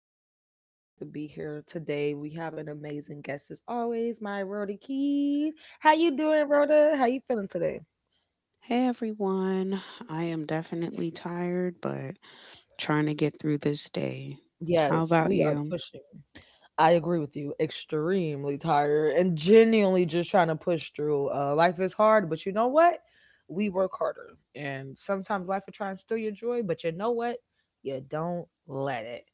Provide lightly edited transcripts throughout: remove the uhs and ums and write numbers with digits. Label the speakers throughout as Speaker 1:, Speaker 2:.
Speaker 1: I'm so glad for you guys to be here today. We have an amazing guest as always, my Rhoda Keys. How you doing, Rhoda? How you feeling today?
Speaker 2: Hey everyone, I am definitely tired, but trying to get through this day. How
Speaker 1: Yes, we
Speaker 2: about
Speaker 1: are
Speaker 2: you?
Speaker 1: pushing. I agree with you. Extremely tired and genuinely just trying to push through. Life is hard, but you know what? We work harder. And sometimes life will try and steal your joy, but you know what? You don't let it.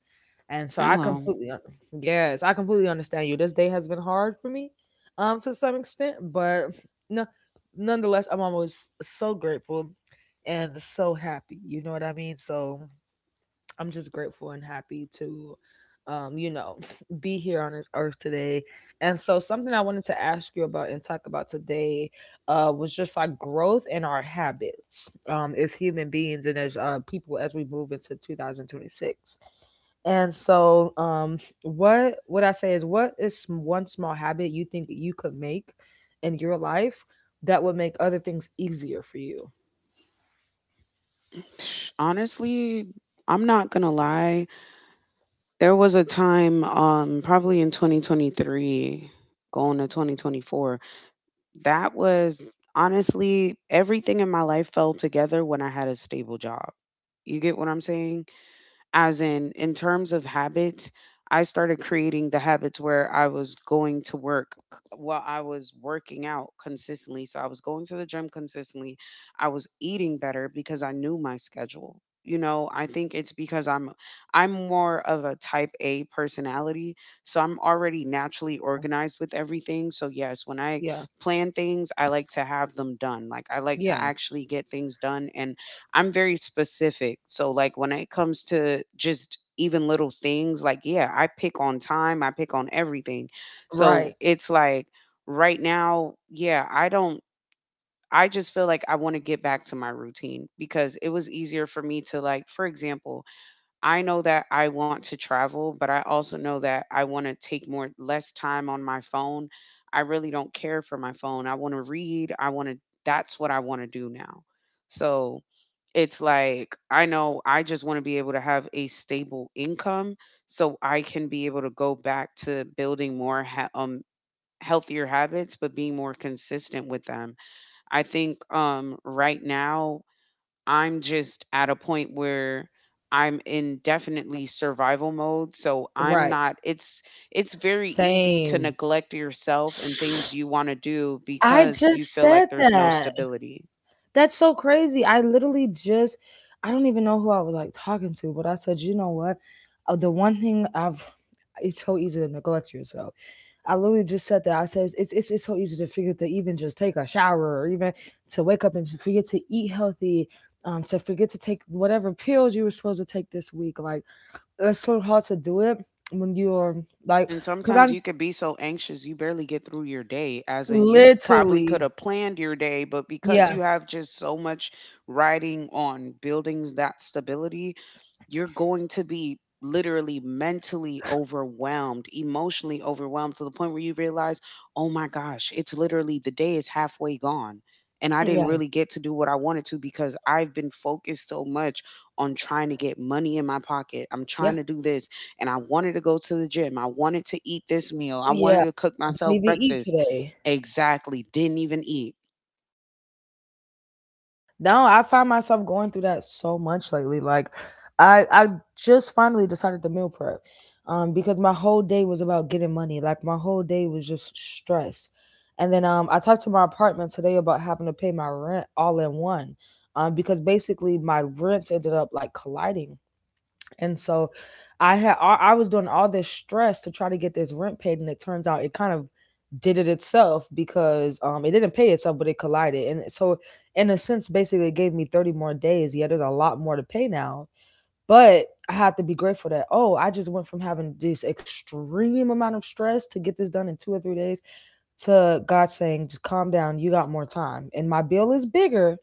Speaker 1: And so
Speaker 2: Hello.
Speaker 1: yes, I completely understand you. This day has been hard for me, to some extent, but no, nonetheless, I'm always so grateful and so happy. You know what I mean? So I'm just grateful and happy to, um, you know, be here on this earth today. And so, something I wanted to ask you about and talk about today was just like growth in our habits as human beings and as people as we move into 2026. And so, what I say is, one small habit you think you could make in your life that would make other things easier for you?
Speaker 2: Honestly, I'm not gonna lie. There was a time, probably in 2023, going to 2024, that was honestly everything in my life fell together when I had a stable job. You get what I'm saying? As in terms of habits, I started creating the habits where I was going to work c- while I was working out consistently, so I was going to the gym consistently. I was eating better because I knew my schedule. I think it's because I'm more of a type A personality, so I'm already naturally organized with everything. So yes, when I
Speaker 1: Yeah,
Speaker 2: plan things, I like to have them done, like, I like to
Speaker 1: yeah,
Speaker 2: actually get things done. And I'm very specific. So like when it comes to just even little things, like, yeah, I pick on time, I pick on everything.
Speaker 1: right,
Speaker 2: So it's like right now, yeah, I don't I just feel like I want to get back to my routine because it was easier for me to, like, for example, I know that I want to travel, but I also know that I want to take more less time on my phone. I really don't care for my phone. I want to read. I want to that's what I want to do now. So it's like, I know I just want to be able to have a stable income so I can be able to go back to building more healthier habits, but being more consistent with them. I think right now I'm just at a point where I'm in definitely survival mode. So I'm
Speaker 1: right.
Speaker 2: not it's it's very easy to
Speaker 1: Same.
Speaker 2: neglect yourself and things you want to do
Speaker 1: I
Speaker 2: because you
Speaker 1: just
Speaker 2: feel
Speaker 1: said
Speaker 2: like there's no
Speaker 1: that.
Speaker 2: stability.
Speaker 1: That's so crazy. I don't even know who I was like talking to, but I said, you know what? The one thing I've, it's so easy to neglect yourself. I literally just said that. I said, it's so easy to forget to even just take a shower or even to wake up and to forget to eat healthy, to forget to take whatever pills you were supposed to take this week. Like, it's so hard to do it when you're like,
Speaker 2: And
Speaker 1: because I'm
Speaker 2: sometimes you could be so anxious you barely get through your day, as in you probably
Speaker 1: literally,
Speaker 2: could have planned your day, but because
Speaker 1: yeah,
Speaker 2: you have just so much riding on buildings that stability, you're going to be literally mentally overwhelmed, emotionally overwhelmed, to the point where you realize, oh my gosh, it's literally, the day is halfway gone. And I
Speaker 1: yeah,
Speaker 2: didn't really get to do what I wanted to because I've been focused so much on trying to get money in my pocket. I'm
Speaker 1: yeah.
Speaker 2: trying to do this, and I wanted to go to the gym. I wanted to eat this meal. I
Speaker 1: Yeah,
Speaker 2: wanted to cook
Speaker 1: I didn't even
Speaker 2: myself
Speaker 1: eat
Speaker 2: breakfast.
Speaker 1: today.
Speaker 2: Exactly. Didn't even eat.
Speaker 1: No, I find myself going through that so much lately. Like, I just finally decided to meal prep, because my whole day was about getting money. Like my whole day was just stress, and then I talked to my apartment today about having to pay my rent all in one, because basically my rents ended up like colliding. And so I had I was doing all this stress to try to get this rent paid, and it turns out it kind of did it itself because it didn't pay itself, but it collided, and so in a sense, basically, it gave me 30 more days. Yeah, there's a lot more to pay now, but I have to be grateful that oh, I just went from having this extreme amount of stress to get this done in 2 or 3 days to God saying, just calm down, you got more time, and my bill is bigger,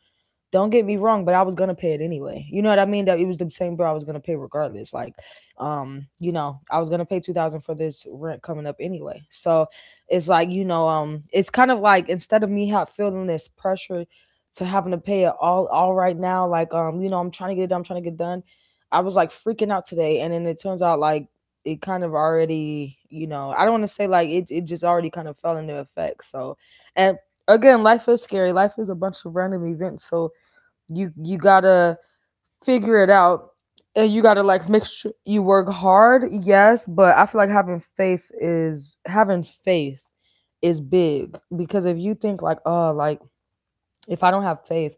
Speaker 1: don't get me wrong, but I was gonna pay it anyway. You know what I mean? That it was the same bill I was gonna pay regardless. Like, I was gonna pay 2,000 for this rent coming up anyway. So it's like, it's kind of like instead of me have feeling this pressure to having to pay it all right now, like, I'm trying to get it done, I'm trying to get done. I was like freaking out today and then it turns out like it kind of already, I don't want to say like it just already kind of fell into effect. So, and again, life is scary. Life is a bunch of random events. So you gotta figure it out, and you gotta like make sure you work hard. Yes, but I feel like having faith is big because if you think like oh like if I don't have faith,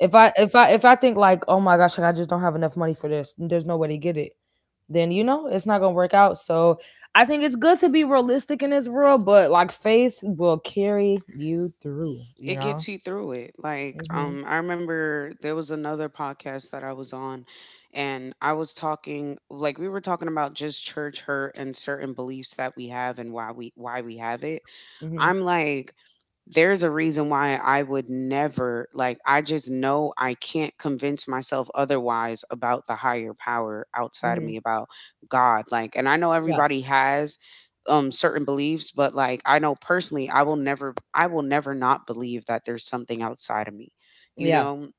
Speaker 1: if I think like oh my gosh like, I just don't have enough money for this, there's no way to get it. Then you know it's not gonna work out. So I think it's good to be realistic in this world, but like faith will carry you through. You
Speaker 2: It
Speaker 1: know.
Speaker 2: gets you through it. Like,
Speaker 1: Hmm.
Speaker 2: I remember there was another podcast that I was on, and I was talking, like, we were talking about just church hurt and certain beliefs that we have and why we have it.
Speaker 1: Hmm.
Speaker 2: I'm like, there's a reason why I would never, like, I just know I can't convince myself otherwise about the higher power outside of
Speaker 1: Hmm.
Speaker 2: me, about God. Like, and I know
Speaker 1: Yeah.
Speaker 2: everybody has certain beliefs, but like I know personally I will never not believe that there's something outside of me, you
Speaker 1: Yeah.
Speaker 2: know.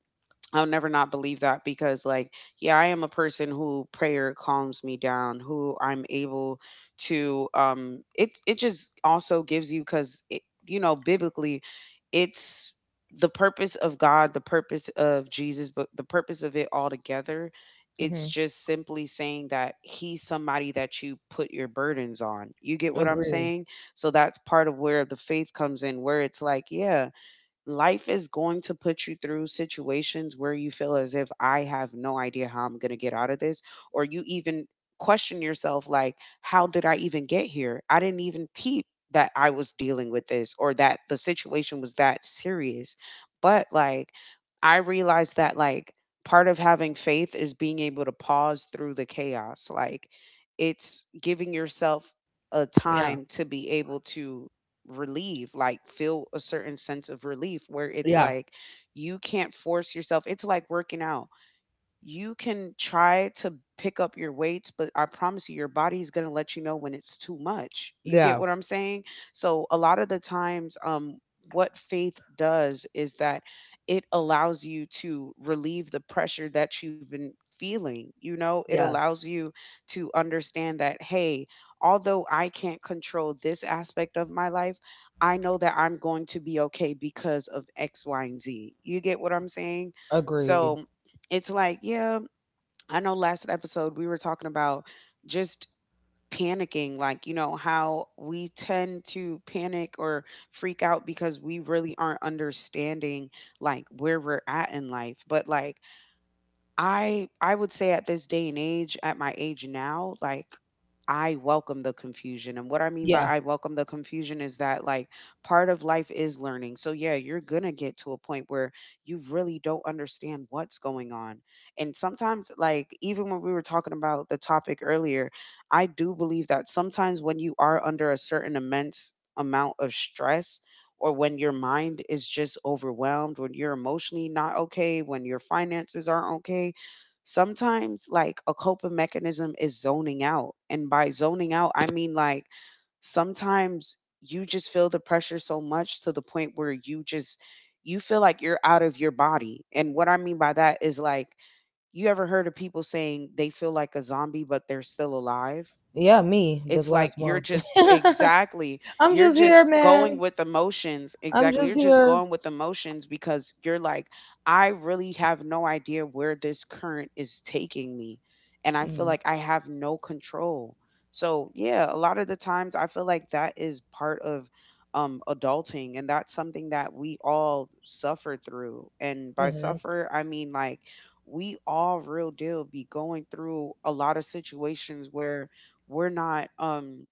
Speaker 2: I'll never not believe that because, like, yeah, I am a person who prayer calms me down, who I'm able to. It just also gives you because it, biblically, it's the purpose of God, the purpose of Jesus, but the purpose of it all together.
Speaker 1: Hmm.
Speaker 2: It's just simply saying that he's somebody that you put your burdens on. You get what I'm
Speaker 1: Agreed.
Speaker 2: saying? So that's part of where the faith comes in, where it's like, yeah, life is going to put you through situations where you feel as if I have no idea how I'm going to get out of this, or you even question yourself, like, how did I even get here? I didn't even peep that I was dealing with this, or that the situation was that serious. But like, I realized that, like, part of having faith is being able to pause through the chaos. Like, it's giving yourself a
Speaker 1: Yeah.
Speaker 2: time to be able to relief, like, feel a certain sense of relief, where it's
Speaker 1: Yeah.
Speaker 2: like you can't force yourself. It's like working out. You can try to pick up your weights, but I promise you, your body is going to let you know when it's too much. You
Speaker 1: Yeah.
Speaker 2: get what I'm saying? So, a lot of the times, what faith does is that it allows you to relieve the pressure that you've been feeling. You know, it
Speaker 1: Yeah.
Speaker 2: allows you to understand that, hey, although I can't control this aspect of my life, I know that I'm going to be okay because of X, Y, and Z. You get what I'm saying?
Speaker 1: Agreed.
Speaker 2: So it's like, yeah, I know last episode we were talking about just panicking, like, you know, how we tend to panic or freak out because we really aren't understanding like where we're at in life. But like, I would say at this day and age, at my age now, like I welcome the confusion. And what I mean by
Speaker 1: Yeah.
Speaker 2: I welcome the confusion is that, like, part of life is learning. So yeah, you're going to get to a point where you really don't understand what's going on. And sometimes, like, even when we were talking about the topic earlier, I do believe that sometimes when you are under a certain immense amount of stress, or when your mind is just overwhelmed, when you're emotionally not okay, when your finances aren't okay, sometimes like a coping mechanism is zoning out. And by zoning out, I mean like sometimes you just feel the pressure so much to the point where you feel like you're out of your body. And what I mean by that is like, you ever heard of people saying they feel like a zombie but they're still alive?
Speaker 1: Yeah, me this
Speaker 2: It's like
Speaker 1: last
Speaker 2: you're
Speaker 1: month.
Speaker 2: just, exactly,
Speaker 1: I'm
Speaker 2: you're
Speaker 1: just here,
Speaker 2: just going
Speaker 1: man.
Speaker 2: with emotions.
Speaker 1: I'm
Speaker 2: Exactly.
Speaker 1: just
Speaker 2: You're just
Speaker 1: here.
Speaker 2: going with emotions because you're like, I really have no idea where this current is taking me. And I feel like I have no control. So, yeah, a lot of the times I feel like that is part of adulting, and that's something that we all suffer through. And by
Speaker 1: Mm-hmm.
Speaker 2: suffer, I mean like we all real deal be going through a lot of situations where we're not um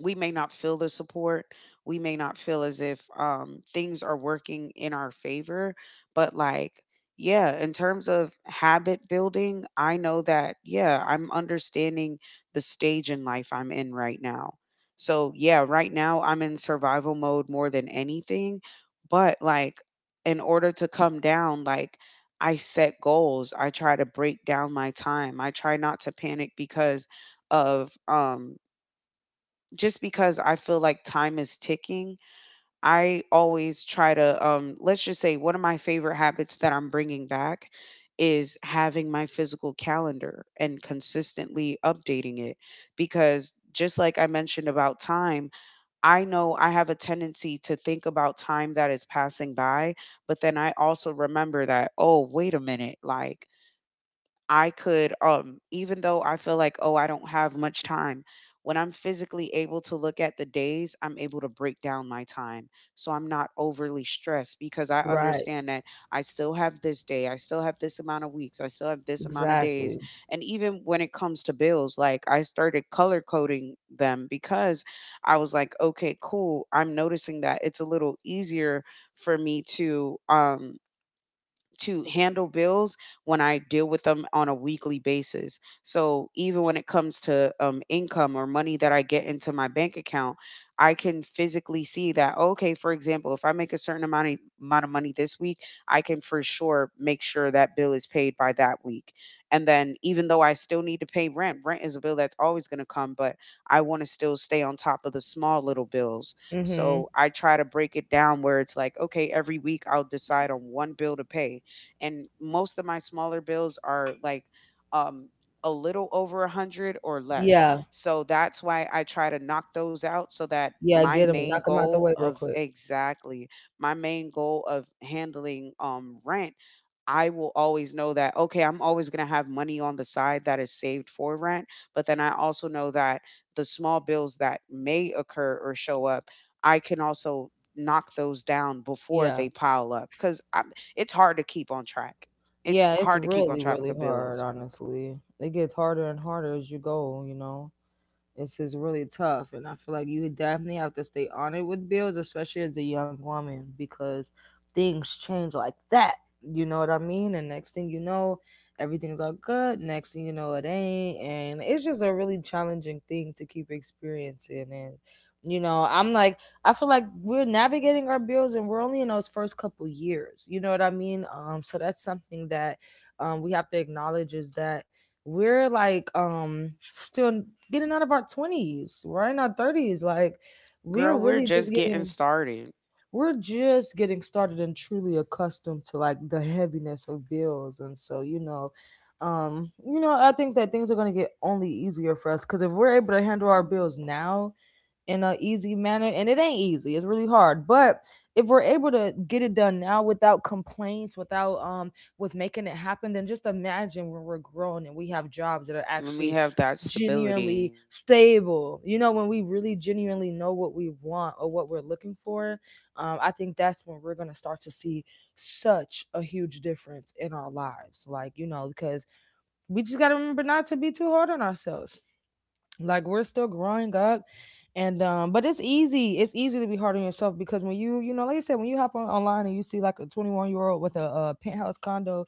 Speaker 2: we may not feel the support. We may not feel as if things are working in our favor. But, like, yeah, in terms of habit building, I know that, yeah, I'm understanding the stage in life I'm in right now. So, yeah, right now I'm in survival mode more than anything. But, like, in order to come down, like, I set goals. I try to break down my time. I try not to panic because of just because I feel like time is ticking. I always try to let's just say, one of my favorite habits that I'm bringing back is having my physical calendar and consistently updating it, because just like I mentioned about time, I know I have a tendency to think about time that is passing by, but then I also remember that, oh, wait a minute, like I could, even though I feel like, oh, I don't have much time, when I'm physically able to look at the days, I'm able to break down my time. So I'm not overly stressed because I
Speaker 1: Right.
Speaker 2: understand that I still have this day, I still have this amount of weeks, I still have this amount of days.
Speaker 1: Exactly.
Speaker 2: And even when it comes to bills, like I started color coding them because I was like, okay, cool. I'm noticing that it's a little easier for me to handle bills when I deal with them on a weekly basis. So even when it comes to income or money that I get into my bank account, I can physically see that. Okay, for example, if I make a certain amount of money this week, I can for sure make sure that bill is paid by that week. And then even though I still need to pay rent, rent is a bill that's always going to come, but I want to still stay on top of the small little bills.
Speaker 1: Mm-hmm.
Speaker 2: So I try to break it down where it's like, okay, every week I'll decide on one bill to pay, and most of my smaller bills are like um a little over a hundred or less.
Speaker 1: Yeah.
Speaker 2: So that's why I try to knock those out, so that
Speaker 1: Yeah.
Speaker 2: my
Speaker 1: Get him.
Speaker 2: main
Speaker 1: Knock him out the
Speaker 2: goal
Speaker 1: way real
Speaker 2: of
Speaker 1: quick.
Speaker 2: exactly my main goal of handling rent, I will always know that, okay, I'm always going to have money on the side that is saved for rent. But then I also know that the small bills that may occur or show up, I can also knock those down before
Speaker 1: Yeah.
Speaker 2: they pile up because it's hard to keep on track. It's
Speaker 1: Yeah. It's
Speaker 2: hard to keep on
Speaker 1: really,
Speaker 2: track
Speaker 1: really
Speaker 2: of
Speaker 1: hard,
Speaker 2: bills.
Speaker 1: honestly. It gets harder and harder as you go, you know? It's is really tough, and I feel like you definitely have to stay on it with bills, especially as a young woman, because things change like that. You know what I mean? And next thing you know, everything's all good. Next thing you know, it ain't, and it's just a really challenging thing to keep experiencing. And you know, I'm like, I feel like we're navigating our bills, and we're only in those first couple years. You know what I mean? So that's something that we have to acknowledge is that we're still getting out of our 20s, we're in our 30s, like we're
Speaker 2: Girl, we're
Speaker 1: really just
Speaker 2: just getting
Speaker 1: getting
Speaker 2: started
Speaker 1: we're just getting started and truly accustomed to like the heaviness of bills. And so I think that things are going to get only easier for us, because if we're able to handle our bills now in a easy manner, and it ain't easy, it's really hard, but if we're able to get it done now without complaints, without with making it happen, then just imagine when we're grown and we have jobs that are
Speaker 2: when we
Speaker 1: actually
Speaker 2: have that stability.
Speaker 1: genuinely stable, you know, when we really genuinely know what we want or what we're looking for. I think that's when we're going to start to see such a huge difference in our lives, like, you know, because we just got to remember not to be too hard on ourselves, like we're still growing up. And But it's easy, it's easy to be hard on yourself because when you know, like I said, when you hop on online and you see like a 21-year-old with a penthouse condo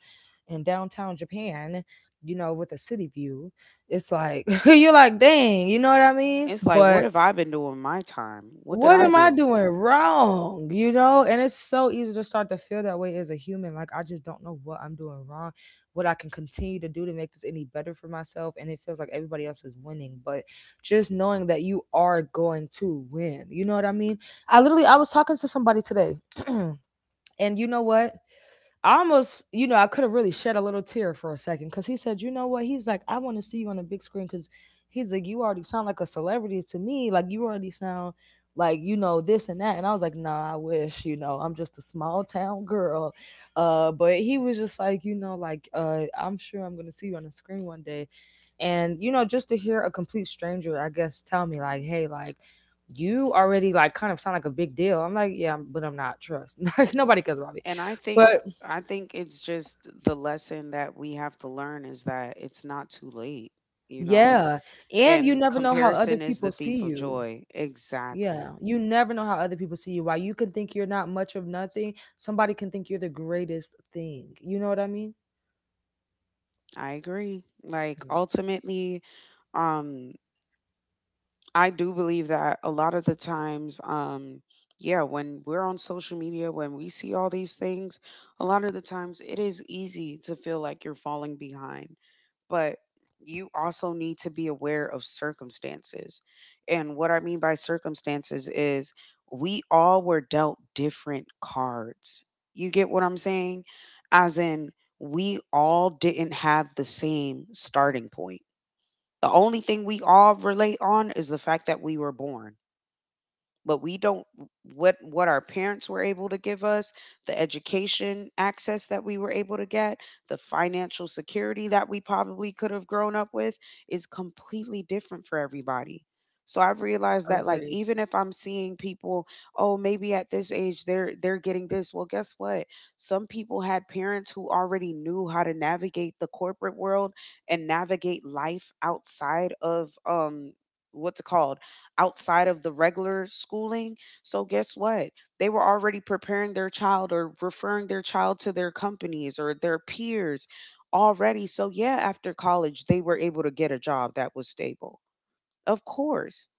Speaker 1: in downtown Japan, you know, with a city view, it's like you're like, dang, you know what I mean?
Speaker 2: It's like, what
Speaker 1: But
Speaker 2: have I been doing my time? What did
Speaker 1: what
Speaker 2: I
Speaker 1: am I
Speaker 2: do?
Speaker 1: doing wrong? You know, and it's so easy to start to feel that way as a human. Like, I just don't know what I'm doing wrong, what I can continue to do to make this any better for myself. And it feels like everybody else is winning, but just knowing that you are going to win. You know what I mean? I was talking to somebody today, and you know what? I almost, you know, I could have really shed a little tear for a second because he said, you know what? He's like, I want to see you on a big screen because he's like, you already sound like a celebrity to me. Like, you already sound like, you know, this and that. And I was like, nah, I wish, you know, I'm just a small town girl. But he was just like, you know, like, I'm sure I'm going to see you on the screen one day. And, you know, just to hear a complete stranger, I guess, tell me, like, hey, like, you already like kind of sound like a big deal. I'm like, yeah, but I'm not. Trust, like nobody cares about me.
Speaker 2: And I
Speaker 1: But
Speaker 2: think I think it's just the lesson that we have to learn is that it's not too late, you know?
Speaker 1: yeah. And you
Speaker 2: And
Speaker 1: never know how other
Speaker 2: comparison is
Speaker 1: people
Speaker 2: the
Speaker 1: see
Speaker 2: thief of
Speaker 1: you.
Speaker 2: joy.
Speaker 1: Yeah.
Speaker 2: Exactly.
Speaker 1: You never know how other people see you. While you can think you're not much of nothing, somebody can think you're the greatest thing. You know what I mean?
Speaker 2: I agree. Like
Speaker 1: Mm.
Speaker 2: ultimately, um I do believe that a lot of the times, yeah, when we're on social media, when we see all these things, a lot of the times it is easy to feel like you're falling behind. But you also need to be aware of circumstances. And what I mean by circumstances is we all were dealt different cards. You get what I'm saying? As in, we all didn't have the same starting point. The only thing we all relate on is the fact that we were born, but we don't, what our parents were able to give us, the education access that we were able to get, the financial security that we probably could have grown up with is completely different for everybody. So I've realized that, like,
Speaker 1: Agreed.
Speaker 2: even if I'm seeing people, oh, maybe at this age they're getting this, well, guess what? Some people had parents who already knew how to navigate the corporate world and navigate life outside of what's it called, outside of the regular schooling. So guess what? They were already preparing their child or referring their child to their companies or their peers already. So yeah, after college they were able to get a job that was stable. Of course.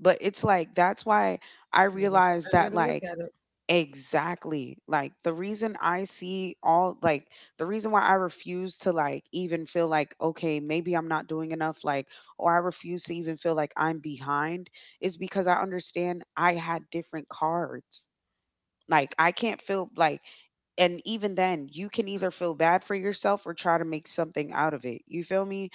Speaker 2: But it's like that's why I
Speaker 1: Yeah, that's a
Speaker 2: realized
Speaker 1: better way
Speaker 2: that,
Speaker 1: to look
Speaker 2: like,
Speaker 1: at it.
Speaker 2: exactly. Like the reason I see all, like, the reason why I refuse to, like, even feel like, okay, maybe I'm not doing enough, like, or I refuse to even feel like I'm behind is because I understand I had different cards. Like, I can't feel like, and even then you can either feel bad for yourself or try to make something out of it. You feel me?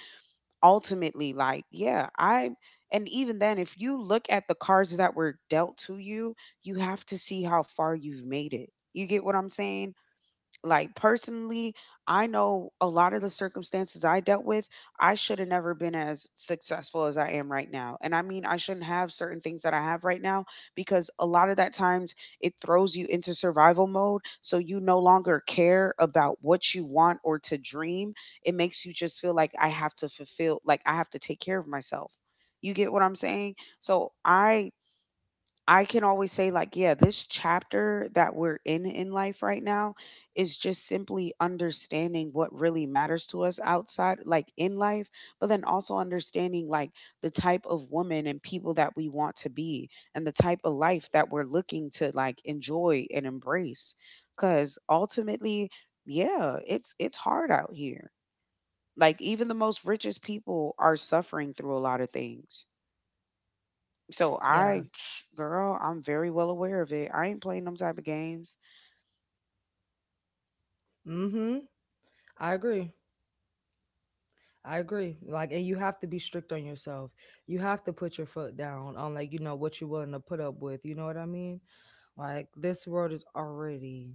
Speaker 2: Ultimately, like, yeah, I, and even then if you look at the cards that were dealt to you, you have to see how far you've made it. You get what I'm saying? Like personally, I know a lot of the circumstances I dealt with, I should have never been as successful as I am right now. And I mean, I shouldn't have certain things that I have right now because a lot of that times it throws you into survival mode. So you no longer care about what you want or to dream. It makes you just feel like I have to fulfill, like I have to take care of myself. You get what I'm saying? So I can always say, like, yeah, this chapter that we're in life right now is just simply understanding what really matters to us outside, like, in life, but then also understanding, like, the type of woman and people that we want to be and the type of life that we're looking to, like, enjoy and embrace. Cause ultimately, yeah, it's hard out here. Like, even the most richest people are suffering through a lot of things. So
Speaker 1: Yeah.
Speaker 2: I, psh, girl, I'm very well aware of it. I ain't playing them type of games.
Speaker 1: Mm-hmm. I agree. I agree. Like, and you have to be strict on yourself. You have to put your foot down on, like, you know, what you're willing to put up with. You know what I mean? Like, this world is already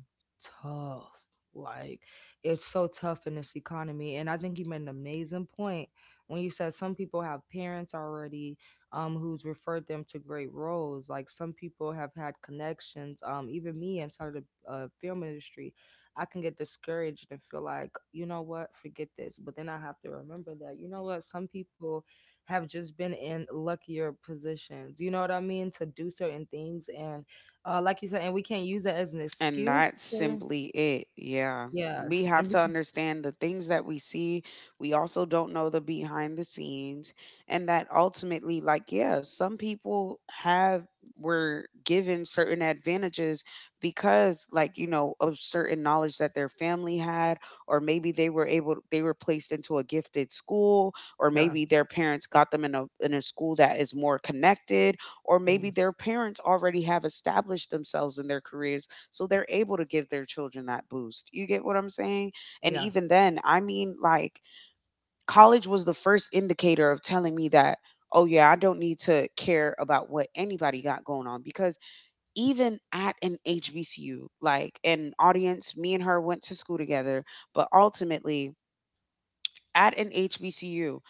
Speaker 1: tough. Like, it's so tough in this economy. And I think you made an amazing point when you said some people have parents already who's referred them to great roles. Like, some people have had connections, even me inside of the film industry. I can get discouraged and feel like, you know what, forget this. But then I have to remember that, you know what, some people have just been in luckier positions, you know what I mean, to do certain things. And like you said, and we can't use that as an
Speaker 2: And
Speaker 1: excuse
Speaker 2: that's
Speaker 1: to,
Speaker 2: simply it. Yeah.
Speaker 1: yeah.
Speaker 2: We
Speaker 1: And we
Speaker 2: have to
Speaker 1: can,
Speaker 2: understand the things that we see. We also don't know the behind the scenes. And that ultimately, like, yeah, some people have, were given certain advantages because, like, you know, of certain knowledge that their family had, or maybe they were able, they were placed into a gifted school, or
Speaker 1: yeah,
Speaker 2: maybe their parents got them in a school that is more connected, or maybe
Speaker 1: mhm,
Speaker 2: their parents already have established themselves in their careers, so they're able to give their children that boost. You get what I'm saying? And
Speaker 1: yeah,
Speaker 2: even then, I mean, like, college was the first indicator of telling me that, oh, yeah, I don't need to care about what anybody got going on. Because even at an HBCU, like an audience, me and her went to school together, but ultimately, at an HBCU,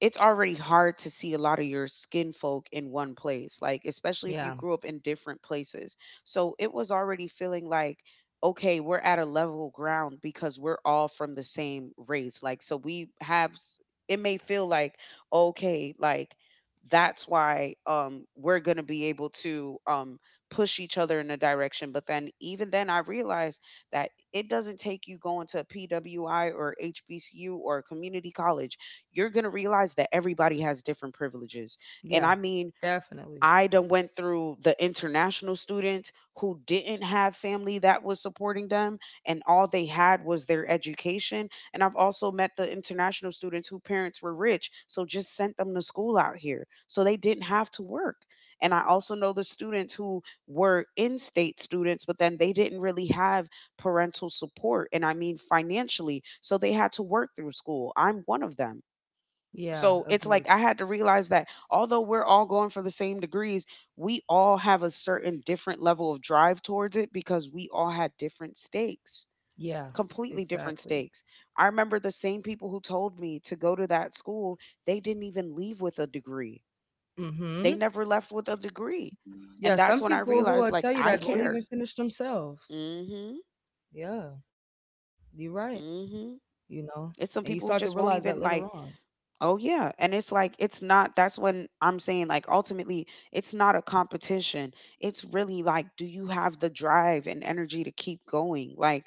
Speaker 2: it's already hard to see a lot of your skin folk in one place, like, especially if you
Speaker 1: yeah,
Speaker 2: grew up in different places. So it was already feeling like, okay, we're at a level ground because we're all from the same race. Like, so we have, it may feel like, okay, like, that's why we're going to be able to push each other in a direction. But then, even then, I realized that it doesn't take you going to PWI or HBCU or a community college. You're going to realize that everybody has different privileges. And I
Speaker 1: yeah,
Speaker 2: mean,
Speaker 1: definitely.
Speaker 2: I done went through the international students who didn't have family that was supporting them, and all they had was their education. And I've also met the international students who parents were rich, so just sent them to school out here. So they didn't have to work. And I also know the students who were in state students, but then they didn't really have parental support. And I mean financially. So they had to work through school. I'm one of them.
Speaker 1: Yeah,
Speaker 2: So it's like I
Speaker 1: agreed.
Speaker 2: had to realize that although we're all going for the same degrees, we all have a certain different level of drive towards it because we all had different stakes,
Speaker 1: Yeah,
Speaker 2: completely different
Speaker 1: exactly.
Speaker 2: stakes. I remember the same people who told me to go to that school, they didn't even leave with a degree. They
Speaker 1: Mm-hmm.
Speaker 2: never left with a degree.
Speaker 1: Yeah,
Speaker 2: And
Speaker 1: some
Speaker 2: that's when I
Speaker 1: people who will
Speaker 2: realized, like,
Speaker 1: tell you
Speaker 2: I
Speaker 1: that won't even
Speaker 2: cared.
Speaker 1: finish themselves.
Speaker 2: Mhm.
Speaker 1: Yeah, you're right.
Speaker 2: Mhm.
Speaker 1: you know,
Speaker 2: It's some
Speaker 1: and
Speaker 2: people
Speaker 1: you
Speaker 2: who
Speaker 1: start to
Speaker 2: just won't
Speaker 1: realize that
Speaker 2: even,
Speaker 1: later
Speaker 2: like,
Speaker 1: on.
Speaker 2: oh yeah, and it's like it's not, that's when I'm saying, like, ultimately it's not a competition. It's really like, do you have the drive and energy to keep going? Like,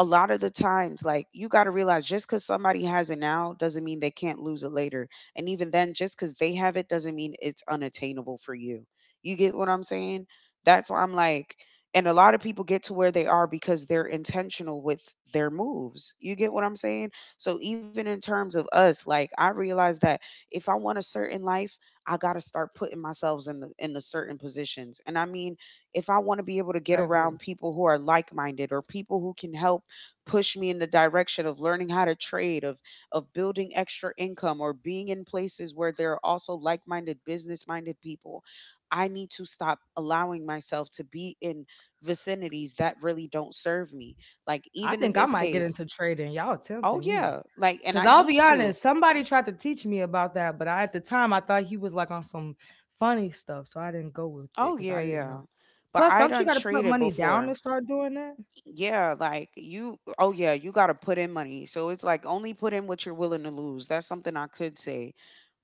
Speaker 2: a lot of the times, like, you got to realize just cuz somebody has it now doesn't mean they can't lose it later. And even then, just cuz they have it doesn't mean it's unattainable for you. You get what I'm saying? That's why I'm like, and a lot of people get to where they are because they're intentional with their moves. You get what I'm saying? So even in terms of us, like, I realize that if I want a certain life, I got to start putting myself in the certain positions. And I mean, if I want to be able to get
Speaker 1: I agree.
Speaker 2: around people who are like-minded or people who can help push me in the direction of learning how to trade, of building extra income or being in places where there are also like-minded business-minded people, I need to stop allowing myself to be in vicinities that really don't serve me. Like,
Speaker 1: I
Speaker 2: even in
Speaker 1: think I
Speaker 2: this
Speaker 1: might get
Speaker 2: case,
Speaker 1: into trading. Y'all
Speaker 2: oh
Speaker 1: tempting me.
Speaker 2: yeah, like, and
Speaker 1: Cause
Speaker 2: I
Speaker 1: I'll be
Speaker 2: used to.
Speaker 1: honest, somebody tried to teach me about that, but at the time I thought he was like on some funny stuff, so I didn't go with
Speaker 2: Oh
Speaker 1: it because
Speaker 2: yeah,
Speaker 1: I didn't
Speaker 2: yeah.
Speaker 1: know.
Speaker 2: But
Speaker 1: Plus,
Speaker 2: I
Speaker 1: don't you
Speaker 2: done
Speaker 1: got to put
Speaker 2: traded
Speaker 1: money down
Speaker 2: before.
Speaker 1: to start doing that?
Speaker 2: Yeah, like you. Oh yeah, you got to put in money. So it's like, only put in what you're willing to lose. That's something I could say.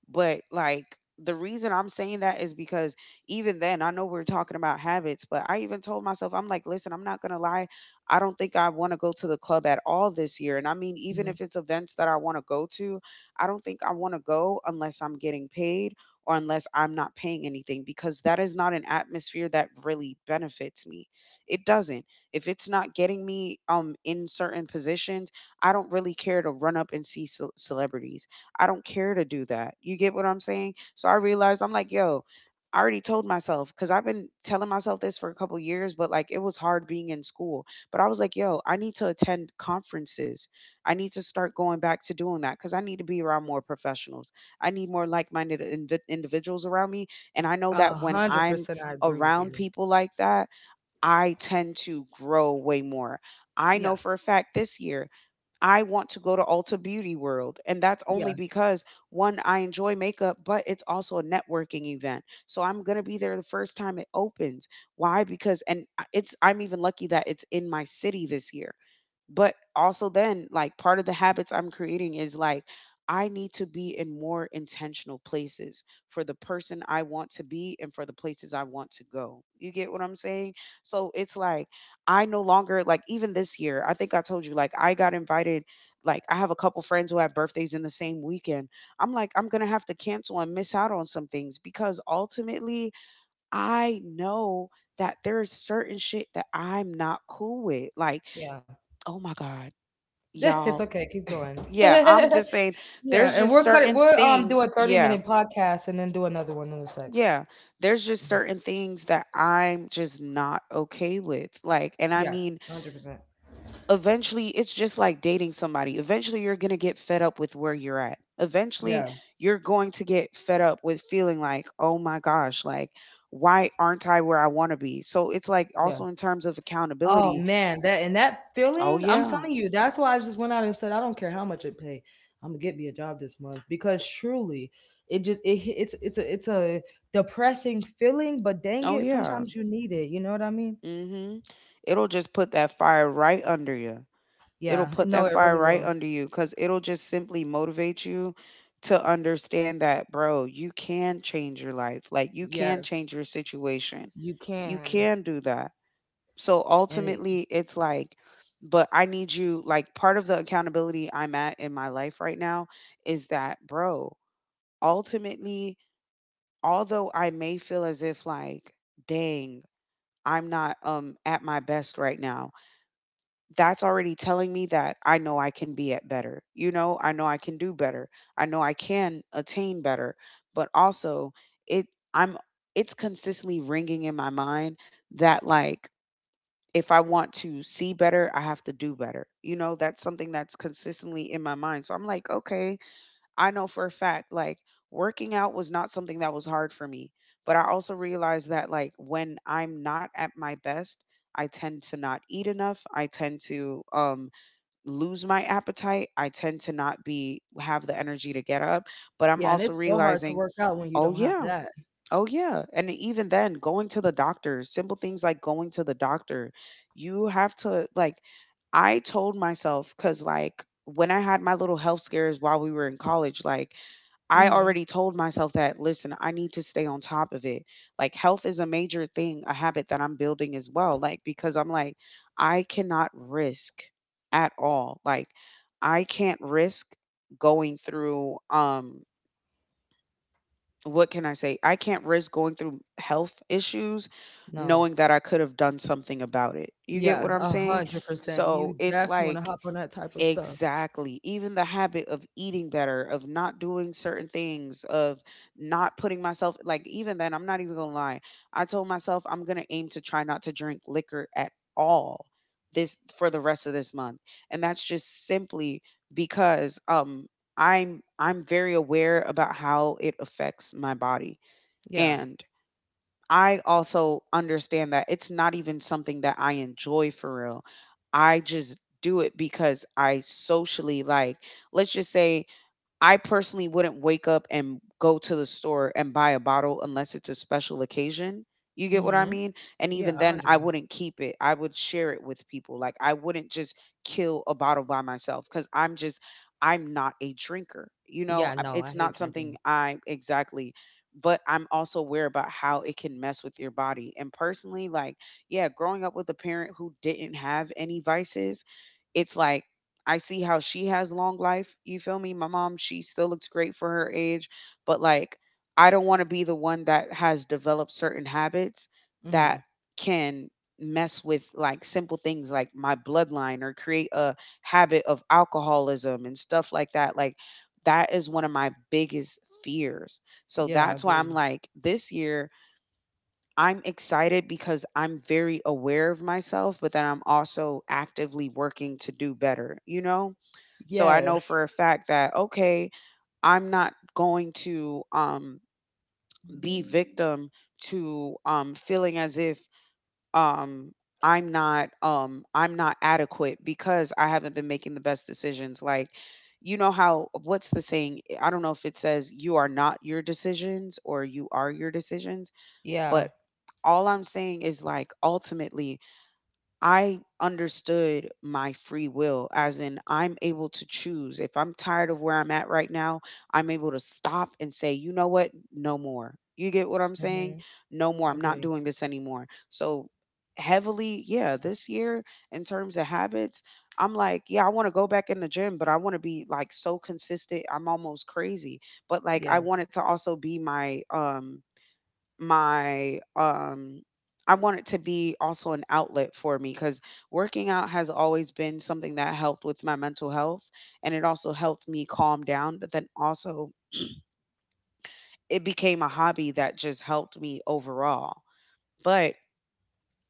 Speaker 2: But like, the reason I'm saying that is because even then, I know we're talking about habits, but I even told myself, I'm like, listen, I'm not gonna lie. I don't think I want to go to the club at all this year. And I mean, even if
Speaker 1: Mhm.
Speaker 2: it's events that I want to go to, I don't think I want to go unless I'm getting paid or unless I'm not paying anything because that is not an atmosphere that really benefits me. It doesn't. If it's not getting me in certain positions, I don't really care to run up and see celebrities. I don't care to do that. You get what I'm saying? So I realized I'm like, yo, I already told myself cuz I've been telling myself this for a couple years, but like, it was hard being in school. But I was like, yo, I need to attend conferences. I need to start going back to doing that cuz I need to be around more professionals. I need more like-minded individuals around me, and I know that
Speaker 1: A
Speaker 2: when
Speaker 1: hundred
Speaker 2: I'm
Speaker 1: percent, I agree with
Speaker 2: around
Speaker 1: you.
Speaker 2: people like that, I tend to grow way more. I know
Speaker 1: Yeah,
Speaker 2: for a fact this year I want to go to Ulta Beauty World. And that's only
Speaker 1: yeah,
Speaker 2: because, one, I enjoy makeup, but it's also a networking event. So I'm going to be there the first time it opens. Why? Because, and I- it's, I'm even lucky that it's in my city this year. But also then, like, part of the habits I'm creating is like, I need to be in more intentional places for the person I want to be and for the places I want to go. You get what I'm saying? So it's like I no longer like even this year, I think I told you like I got invited like I have a couple friends who have birthdays in the same weekend. I'm like I'm going to have to cancel and miss out on some things because ultimately I know that there is certain shit that I'm not cool with. Like,
Speaker 1: yeah.
Speaker 2: oh my God,
Speaker 1: It's
Speaker 2: y'all.
Speaker 1: okay. Keep going.
Speaker 2: Yeah, I'm
Speaker 1: Yeah,
Speaker 2: just saying there's
Speaker 1: and
Speaker 2: just
Speaker 1: we're cutting.
Speaker 2: certain
Speaker 1: We're
Speaker 2: things.
Speaker 1: do a thirty
Speaker 2: Yeah.
Speaker 1: minute podcast and then do another one in a sec.
Speaker 2: Yeah. There's just certain things that I'm just not okay with. Like, and I
Speaker 1: Yeah,
Speaker 2: mean,
Speaker 1: 100%.
Speaker 2: eventually it's just like dating somebody. Eventually you're going to get fed up with where you're at. Eventually
Speaker 1: Yeah,
Speaker 2: you're going to get fed up with feeling like, "Oh my gosh, like why aren't I where I want to be?" So it's like
Speaker 1: yeah.
Speaker 2: also in terms of
Speaker 1: Oh
Speaker 2: accountability.
Speaker 1: man, that and that
Speaker 2: Oh
Speaker 1: feeling. I'm
Speaker 2: yeah.
Speaker 1: telling you, that's why I just went out and said, I don't care how much it pay. I'm gonna get me a job this month because truly, it just it hit- it's a depressing feeling. But dang
Speaker 2: Oh
Speaker 1: it,
Speaker 2: yeah.
Speaker 1: sometimes you need it. You know what I mean?
Speaker 2: Mhm. It'll just put that fire right under you,
Speaker 1: Yeah.
Speaker 2: it'll put
Speaker 1: No,
Speaker 2: that
Speaker 1: it really
Speaker 2: fire right
Speaker 1: will.
Speaker 2: under you because it'll just simply motivate you to understand that, bro, you can change your life. Like, you can
Speaker 1: Yes,
Speaker 2: change your situation.
Speaker 1: you
Speaker 2: You
Speaker 1: can.
Speaker 2: can do that. So
Speaker 1: And it,
Speaker 2: ultimately, it's like, but I need you, like, part of the accountability I'm at in my life right now is that, bro, ultimately, although I may feel as if, like, dang, I'm not at my best right now, that's already telling me that I know I can be at better. You know I can do better. I know I can attain better. But also, it I'm it's consistently ringing in my mind that like if I want to see better, I have to do better. You know, that's something that's consistently in my mind. So I'm like, okay, I know for a fact like working out was not something that was hard for me. But I also realized that like when I'm not at my best, I tend to not eat enough. I tend to lose my appetite, I tend to not be have the energy to get up, but I'm
Speaker 1: Yeah, and
Speaker 2: also
Speaker 1: it's so hard to
Speaker 2: realizing,
Speaker 1: work out when you
Speaker 2: oh
Speaker 1: don't have
Speaker 2: yeah,
Speaker 1: that.
Speaker 2: oh yeah. And even then, going to the doctor, simple things like going to the doctor, you have to like I told myself cuz like when I had my little health scares while we were in college, like I
Speaker 1: Mhm.
Speaker 2: already told myself that, listen, I need to stay on top of it. Like, health is a major thing, a habit that I'm building as well. Like, because I'm like, I cannot risk at all. Like, I can't risk going through, what can I say? I can't risk going through health issues
Speaker 1: No.
Speaker 2: knowing that I could have done something about it. You get
Speaker 1: Yeah,
Speaker 2: what I'm saying?
Speaker 1: 100%.
Speaker 2: So
Speaker 1: You
Speaker 2: it's
Speaker 1: definitely want to
Speaker 2: like,
Speaker 1: hop on that type of stuff.
Speaker 2: exactly. Even the habit of eating better, of not doing certain things, of not putting myself, like, even then, I'm not even gonna lie. I told myself I'm gonna aim to try not to drink liquor at all this for the rest of this month. And that's just simply because, I'm very aware about how it affects my body.
Speaker 1: Yeah.
Speaker 2: And I also understand that it's not even something that I enjoy for real. I just do it because I socially like let's just say I personally wouldn't wake up and go to the store and buy a bottle unless it's a special occasion. You get what I
Speaker 1: Mhm.
Speaker 2: mean? And
Speaker 1: Yeah,
Speaker 2: even then, I
Speaker 1: 100%.
Speaker 2: wouldn't keep it. I would share it with people. Like, I wouldn't just kill a bottle by myself because I'm just, I'm not a drinker. You
Speaker 1: Yeah,
Speaker 2: know, I-
Speaker 1: no, I
Speaker 2: it's
Speaker 1: hate
Speaker 2: not something
Speaker 1: drinking.
Speaker 2: I exactly, but I'm also aware about how it can mess with your body. And personally, like, yeah, growing up with a parent who didn't have any vices, it's like I see how she has long life. You feel me? My mom, she still looks great for her age, but like I don't want to be the one that has developed certain habits that
Speaker 1: Mhm.
Speaker 2: can mess with like simple things like my bloodline or create a habit of alcoholism and stuff like that. Like that is one of my biggest fears. So
Speaker 1: Yeah, I
Speaker 2: that's why I'm
Speaker 1: agree.
Speaker 2: like this year I'm excited because I'm very aware of myself, but then I'm also actively working to do better, you know? So I know
Speaker 1: Yes.
Speaker 2: for a fact that okay, I'm not going to be victim to feeling as if um I'm not adequate because I haven't been making the best decisions like you know how what's the saying, I don't know if it says you are not your decisions or you are your decisions,
Speaker 1: Yeah.
Speaker 2: but all I'm saying is like ultimately I understood my free will, as in, I'm able to choose. If I'm tired of where I'm at right now, I'm able to stop and say, you know what? No more. You get what I'm saying?
Speaker 1: Mhm.
Speaker 2: No more. I'm not
Speaker 1: Agree.
Speaker 2: doing this anymore. So, heavily, yeah, this year in terms of habits, I'm like, yeah, I want to go back in the gym, but I want to be like so consistent. I'm almost crazy. But like
Speaker 1: Yeah.
Speaker 2: I want it to also be my my um I want it to be also an outlet for me cuz working out has always been something that helped with my mental health and it also helped me calm down, but then also it became a hobby that just helped me overall. But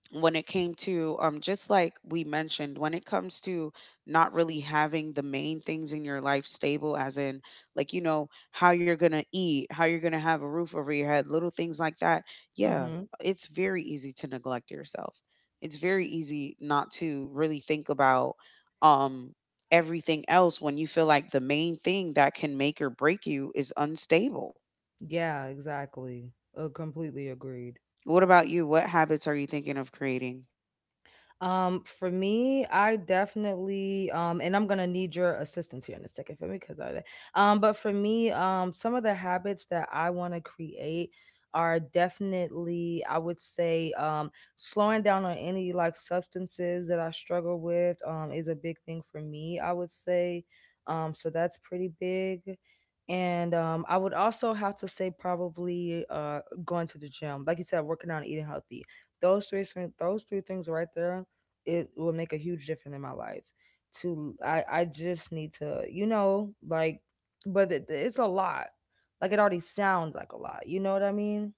Speaker 2: when it came to just like we mentioned when it comes to not really having the main things in your life stable, as in like you know how you're going to eat, how you're going to have a roof over your head, little things like that, yeah,
Speaker 1: Mhm.
Speaker 2: it's very easy to neglect yourself, it's very easy not to really think about um everything else when you feel like the main thing that can make or break you is unstable.
Speaker 1: Yeah, exactly. Completely agreed.
Speaker 2: What about you, what habits are you thinking of creating?
Speaker 1: For me, I definitely, and I'm gonna need your assistance here in a second for me because but for me, some of the habits that I want to create are definitely, I would say, slowing down on any like substances that I struggle with, is a big thing for me. I would say, so that's pretty big. And I would also have to say probably going to the gym, like you said, working out and eating healthy. Those three things right there, it will make a huge difference in my life to. I just need to, like, but it's a lot. Like, it already sounds like a lot, you know what I mean?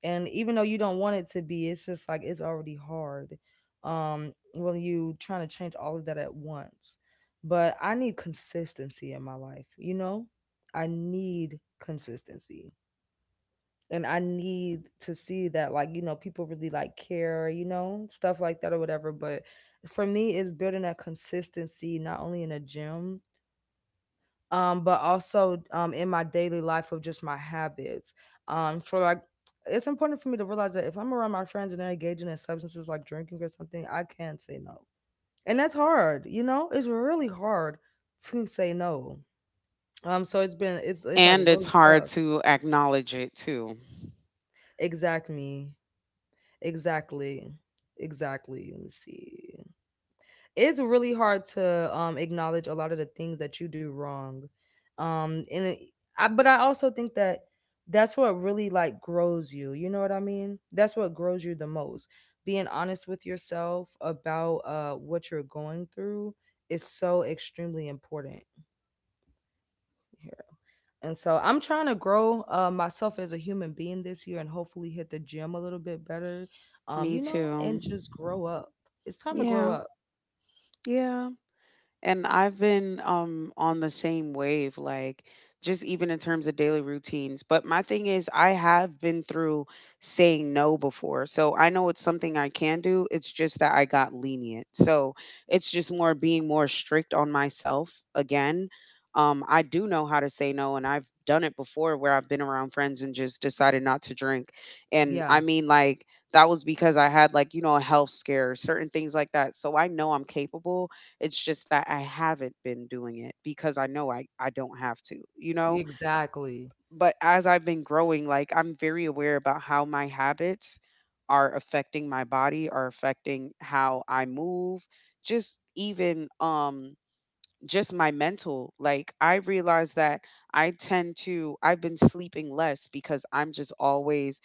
Speaker 1: And even though you don't want it to be, it's just like, it's already hard. When you trying to change all of that at once, but I need consistency in my life, you know? I need consistency. And I need to see that, like, people really like care, stuff like that or whatever. But for me, it's building that consistency not only in a gym, but also in my daily life of just my habits. So, like, it's important for me to realize that if I'm around my friends and they're engaging in substances like drinking or something, I can say no. And that's hard, you know? It's really hard to say no. So it's been, it's like
Speaker 2: And it's
Speaker 1: really
Speaker 2: hard
Speaker 1: tough.
Speaker 2: to acknowledge it too.
Speaker 1: Exactly. Exactly. Exactly. Let me see. It's really hard to acknowledge a lot of the things that you do wrong. Um and it, but I also think that that's what really like grows you. You know what I mean? That's what grows you the most. Being honest with yourself about what you're going through is so extremely important. And so I'm trying to grow, myself as a human being this year and hopefully hit the gym a little bit better,
Speaker 2: Me too.
Speaker 1: and just grow up. It's time to grow
Speaker 2: Yeah.
Speaker 1: up.
Speaker 2: Yeah. And I've been on the same wave, like just even in terms of daily routines. But my thing is, I have been through saying no before. So I know it's something I can do. It's just that I got lenient. So it's just more being more strict on myself again. I do know how to say no, and I've done it before where I've been around friends and just decided not to drink. And
Speaker 1: Yeah,
Speaker 2: I mean, like, that was because I had, like, you know, a health scare, certain things like that. So I know I'm capable, it's just that I haven't been doing it because I know I don't have to, you know?
Speaker 1: exactly.
Speaker 2: But as I've been growing, like I'm very aware about how my habits are affecting my body, are affecting how I move, just even just my mental. Like I realize that I tend to I've been sleeping less because I'm just always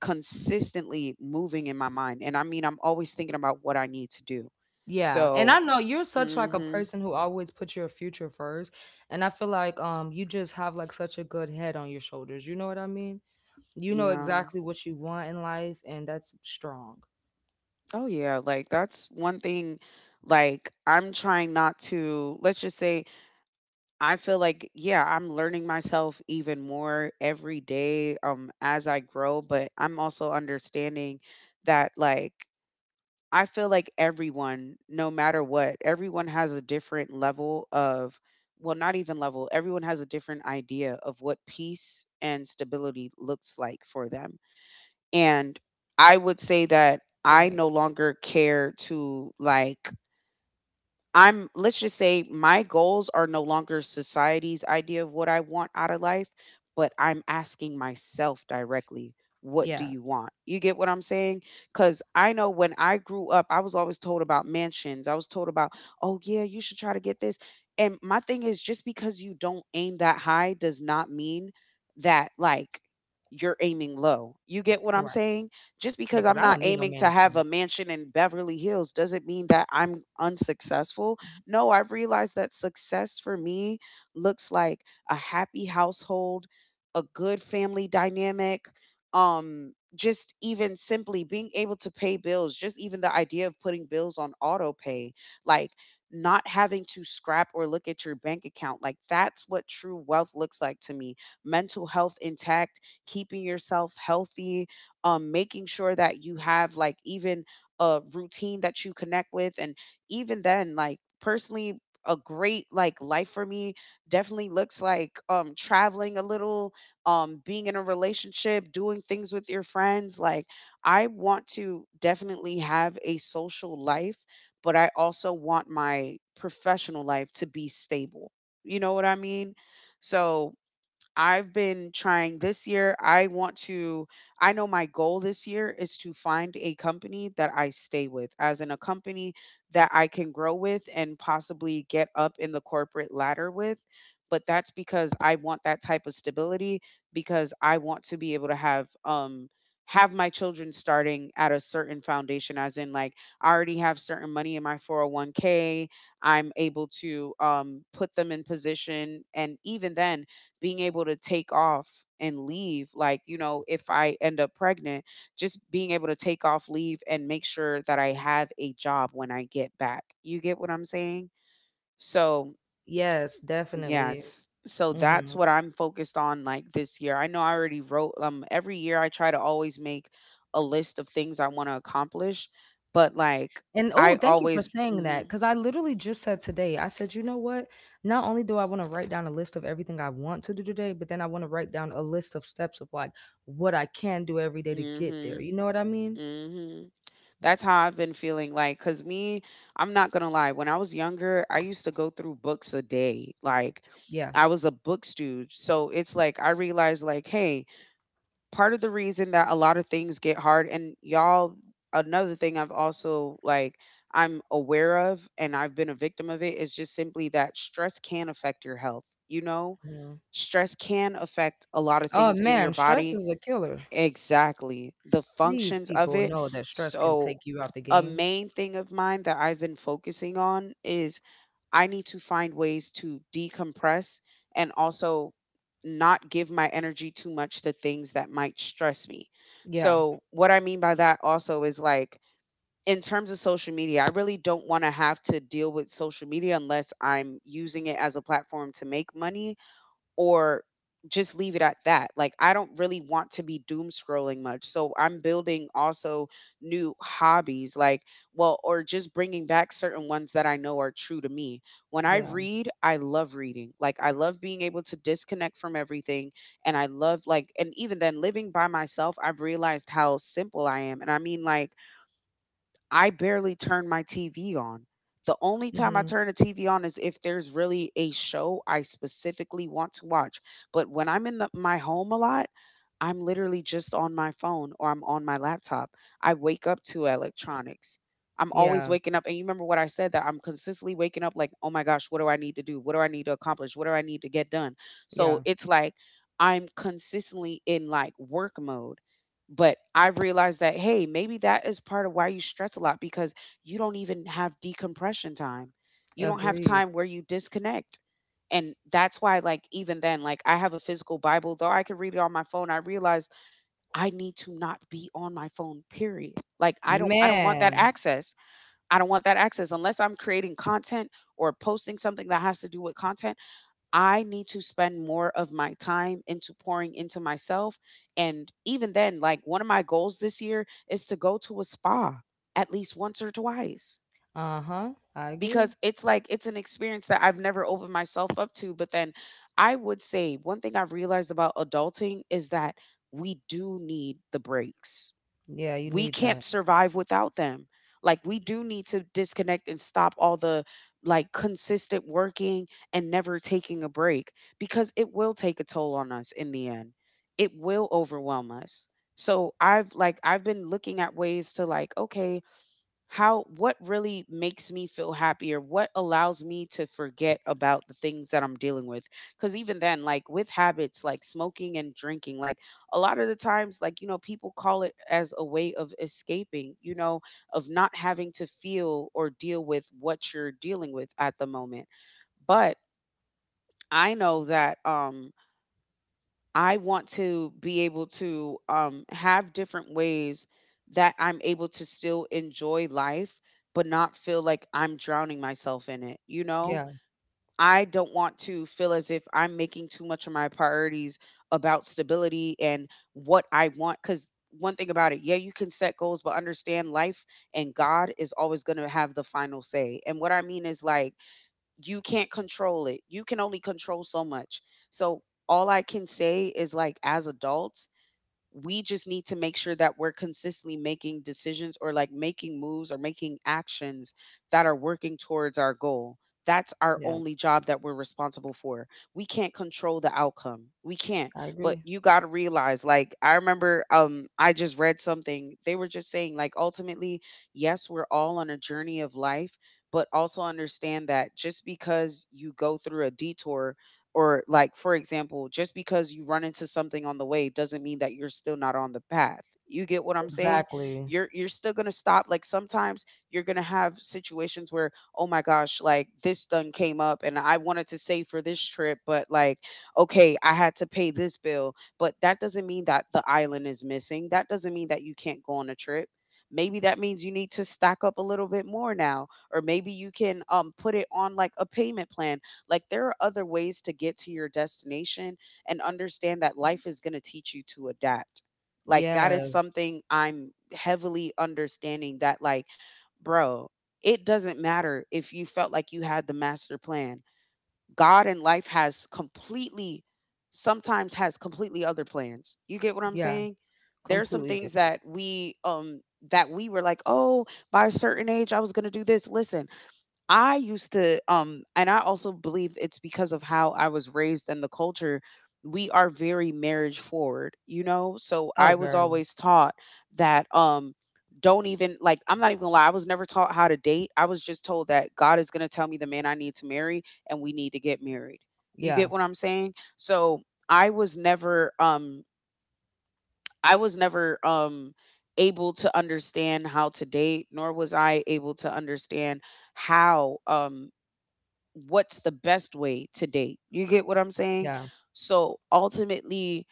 Speaker 2: consistently moving in my mind. And I mean I'm always thinking about what I need to do.
Speaker 1: Yeah. And
Speaker 2: So
Speaker 1: I know you're such like a
Speaker 2: hmm.
Speaker 1: person who always puts your future first. And I feel like you just have like such a good head on your shoulders. You know what I mean? You know
Speaker 2: Yeah.
Speaker 1: exactly what you want in life, and that's strong.
Speaker 2: Oh yeah, like that's one thing, like I'm trying not to, let's just say I feel like, yeah, I'm learning myself even more every day as I grow, but I'm also understanding that like I feel like everyone no matter what, everyone has a different level of, well, not even level. Everyone has a different idea of what peace and stability looks like for them, and I would say that I
Speaker 1: Right.
Speaker 2: no longer care to like I'm let's just say my goals are no longer society's idea of what I want out of life, but I'm asking myself directly, what do
Speaker 1: Yeah.
Speaker 2: you want? You get what I'm saying? Cuz I know when I grew up, I was always told about mansions. I was told about, "Oh yeah, you should try to get this." And my thing is just because you don't aim that high does not mean that like you're aiming low. You get what I'm
Speaker 1: Right.
Speaker 2: saying? Just
Speaker 1: Yeah,
Speaker 2: because
Speaker 1: because
Speaker 2: I'm
Speaker 1: I don't
Speaker 2: not
Speaker 1: need no
Speaker 2: aiming to have a
Speaker 1: mansion.
Speaker 2: mansion in Beverly Hills doesn't mean that I'm unsuccessful. No, I've realized that success for me looks like a happy household, a good family dynamic, just even simply being able to pay bills, just even the idea of putting bills on auto pay, like not having to scrap or look at your bank account. Like that's what true wealth looks like to me. Mental health intact, keeping yourself healthy, making sure that you have like even a routine that you connect with. And even then, like personally, a great like life for me definitely looks like traveling a little, being in a relationship, doing things with your friends, like I want to definitely have a social life, but I also want my professional life to be stable, you know what I mean? So I've been trying this year. I want to, I know my goal this year is to find a company that I stay with, as in a company that I can grow with and possibly get up in the corporate ladder with. But that's because I want that type of stability because I want to be able to have my children starting at a certain foundation, as in like I already have certain money in my 401k. I'm able to put them in position, and even then being able to take off and leave, like, you know, if I end up pregnant, just being able to take off leave and make sure that I have a job when I get back. You get what I'm saying? so
Speaker 1: Yes, definitely.
Speaker 2: yes so that's
Speaker 1: Hmm.
Speaker 2: what I'm focused on. Like, this year, I know I already wrote every year I try to always make a list of things I want to accomplish, but like
Speaker 1: And oh,
Speaker 2: I
Speaker 1: thank you for
Speaker 2: always
Speaker 1: saying that because I literally just said today, I said, you know what? Not only do I want to write down a list of everything I want to do today, but then I want to write down a list of steps of like what I can do every day to get there. You
Speaker 2: mhm
Speaker 1: know what I mean?
Speaker 2: mhm That's how I've been feeling. Like, cuz me, I'm not going to lie, when I was younger, I used to go through books a day. Like,
Speaker 1: Yeah.
Speaker 2: I was a book stooge. So it's like I realized, like, hey, part of the reason that a lot of things get hard, and y'all, another thing I've also like I'm aware of and I've been a victim of, it is just simply that stress can affect your health, you know?
Speaker 1: Mhm.
Speaker 2: Stress can affect a lot of
Speaker 1: Oh
Speaker 2: things in your
Speaker 1: man, stress
Speaker 2: body.
Speaker 1: is a killer.
Speaker 2: Exactly. The
Speaker 1: Please,
Speaker 2: functions of
Speaker 1: people
Speaker 2: it.
Speaker 1: know that stress can
Speaker 2: So
Speaker 1: take you out the
Speaker 2: a
Speaker 1: game.
Speaker 2: main thing of mine that I've been focusing on is I need to find ways to decompress and also not give my energy too much to things that might stress me.
Speaker 1: Yeah.
Speaker 2: So, what I mean by that also is like, in terms of social media, I really don't want to have to deal with social media unless I'm using it as a platform to make money, or just leave it at that. Like, I don't really want to be doom scrolling much. So I'm building also new hobbies like, well, or just bringing back certain ones that I know are true to me. When I
Speaker 1: Yeah.
Speaker 2: read, I love reading. Like, I love being able to disconnect from everything, and I love like, and even then, living by myself, I've realized how simple I am. And I mean, like, I barely turn my TV on. The only time I
Speaker 1: Hmm.
Speaker 2: turn the TV on is if there's really a show I specifically want to watch. But when I'm in my home a lot, I'm literally just on my phone or I'm on my laptop. I wake up to electronics. I'm always
Speaker 1: Yeah.
Speaker 2: waking up. And you remember what I said, that I'm consistently waking up like, oh my gosh, what do I need to do? What do I need to accomplish? What do I need to get done? So
Speaker 1: Yeah.
Speaker 2: it's like I'm consistently in like work mode. But I realized that, hey, maybe that is part of why you stress a lot, because you don't even have decompression time. You don't have
Speaker 1: Agreed.
Speaker 2: time where you disconnect. And that's why, like, even then, like, I have a physical Bible, though I could read it on my phone. I realized I need to not be on my phone, period. Like, I don't want that
Speaker 1: Man.
Speaker 2: access. I don't want that access unless I'm creating content or posting something that has to do with content. I need to spend more of my time into pouring into myself. And even then, like, one of my goals this year is to go to a spa at least once or twice.
Speaker 1: Uh huh. I agree.
Speaker 2: Because it's like it's an experience that I've never opened myself up to, but then I would say one thing I've realized about adulting is that we do need the breaks.
Speaker 1: Yeah, you
Speaker 2: We
Speaker 1: need
Speaker 2: can't
Speaker 1: that.
Speaker 2: survive without them. Like, we do need to disconnect and stop all the, like, consistent working and never taking a break, because it will take a toll on us in the end. It will overwhelm us. So I've like I've been looking at ways to, like, okay, how, what really makes me feel happier? What allows me to forget about the things that I'm dealing with? Cuz even then, like with habits like smoking and drinking, like a lot of the times, like, you know, people call it as a way of escaping, you know, of not having to feel or deal with what you're dealing with at the moment. But I know that I want to be able to have different ways that I'm able to still enjoy life, but not feel like I'm drowning myself in it. You know,
Speaker 1: Yeah.
Speaker 2: I don't want to feel as if I'm making too much of my priorities about stability and what I want. Because one thing about it, yeah, you can set goals, but understand life and God is always going to have the final say. And what I mean is, like, you can't control it. You can only control so much. So all I can say is, like, as adults, we just need to make sure that we're consistently making decisions or like making moves or making actions that are working towards our goal. That's our
Speaker 1: Yeah.
Speaker 2: only job that we're responsible for. We can't control the outcome. We can't.
Speaker 1: I
Speaker 2: But
Speaker 1: agree.
Speaker 2: you got to realize, like, I remember I just read something. They were just saying, like, ultimately, yes, we're all on a journey of life, but also understand that just because you go through a detour, or like for example, just because you run into something on the way, doesn't mean that you're still not on the path. You get what I'm saying?
Speaker 1: Exactly.
Speaker 2: You're still going to stop. Like, sometimes you're going to have situations where, oh my gosh, like, this done came up and I wanted to save for this trip, but like, okay, I had to pay this bill. But that doesn't mean that the island is missing. That doesn't mean that you can't go on a trip. Maybe that means you need to stack up a little bit more now, or maybe you can put it on like a payment plan. Like, there are other ways to get to your destination, and understand that life is going to teach you to adapt. Like, that is
Speaker 1: Yes.
Speaker 2: something I'm heavily understanding, that like, bro, it doesn't matter if you felt like you had the master plan. God and life has completely, sometimes has completely other plans. You get what I'm
Speaker 1: Yeah.
Speaker 2: saying? There's some
Speaker 1: Completely
Speaker 2: things
Speaker 1: different.
Speaker 2: that we were like, "Oh, by a certain age I was going to do this." Listen, I used to and I also believe it's because of how I was raised and the culture, we are very marriage forward, you know? So
Speaker 1: Oh,
Speaker 2: I was
Speaker 1: very.
Speaker 2: always taught that don't even, like, I'm not even gonna lie, I was never taught how to date. I was just told that God is gonna tell me the man I need to marry and we need to get married. You get
Speaker 1: Yeah.
Speaker 2: what I'm saying? So I was never um I was never able to understand how to date, nor was I able to understand how what's the best way to date. You get what I'm saying?
Speaker 1: Yeah.
Speaker 2: So ultimately,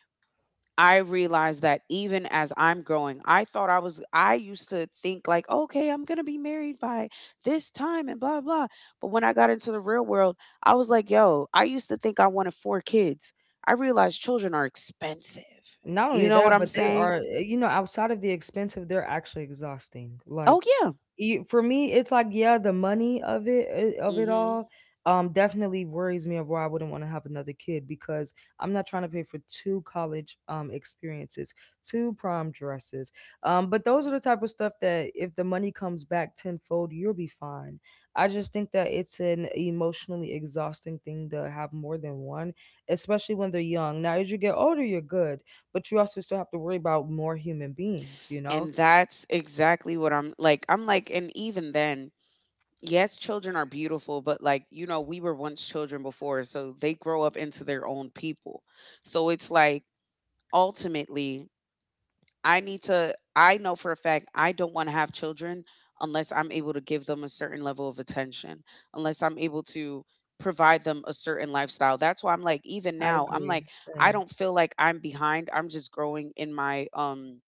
Speaker 2: I realized that even as I'm growing, I thought I was, I used to think like, okay, I'm going to be married by this time and blah, blah. But when I got into the real world, I was like, yo, I used to think I wanted four kids. I realized children are expensive.
Speaker 1: Not
Speaker 2: You
Speaker 1: only
Speaker 2: know what
Speaker 1: that,
Speaker 2: I'm
Speaker 1: but they are,
Speaker 2: saying?
Speaker 1: outside of the expensive, they're actually exhausting. Like,
Speaker 2: Oh, yeah.
Speaker 1: you for me it's like, yeah, the money of it, of it
Speaker 2: Hmm.
Speaker 1: all definitely worries me of why I wouldn't want to have another kid because I'm not trying to pay for two college experiences, two prom dresses, but those are the type of stuff that if the money comes back tenfold you'll be fine. I just think that it's an emotionally exhausting thing to have more than one, especially when they're young. Now as you get older, you're good, but you also still have to worry about more human beings, you know?
Speaker 2: And that's exactly what I'm like. I'm like, and even then, yes, children are beautiful, but like, you know, we were once children before, so they grow up into their own people. So it's like ultimately, I need to I know for a fact I don't want to have children unless I'm able to give them a certain level of attention, unless I'm able to provide them a certain lifestyle. That's why I'm like, even
Speaker 1: I
Speaker 2: now, I'm
Speaker 1: agree,
Speaker 2: like, I
Speaker 1: same.
Speaker 2: don't feel like I'm behind. I'm just growing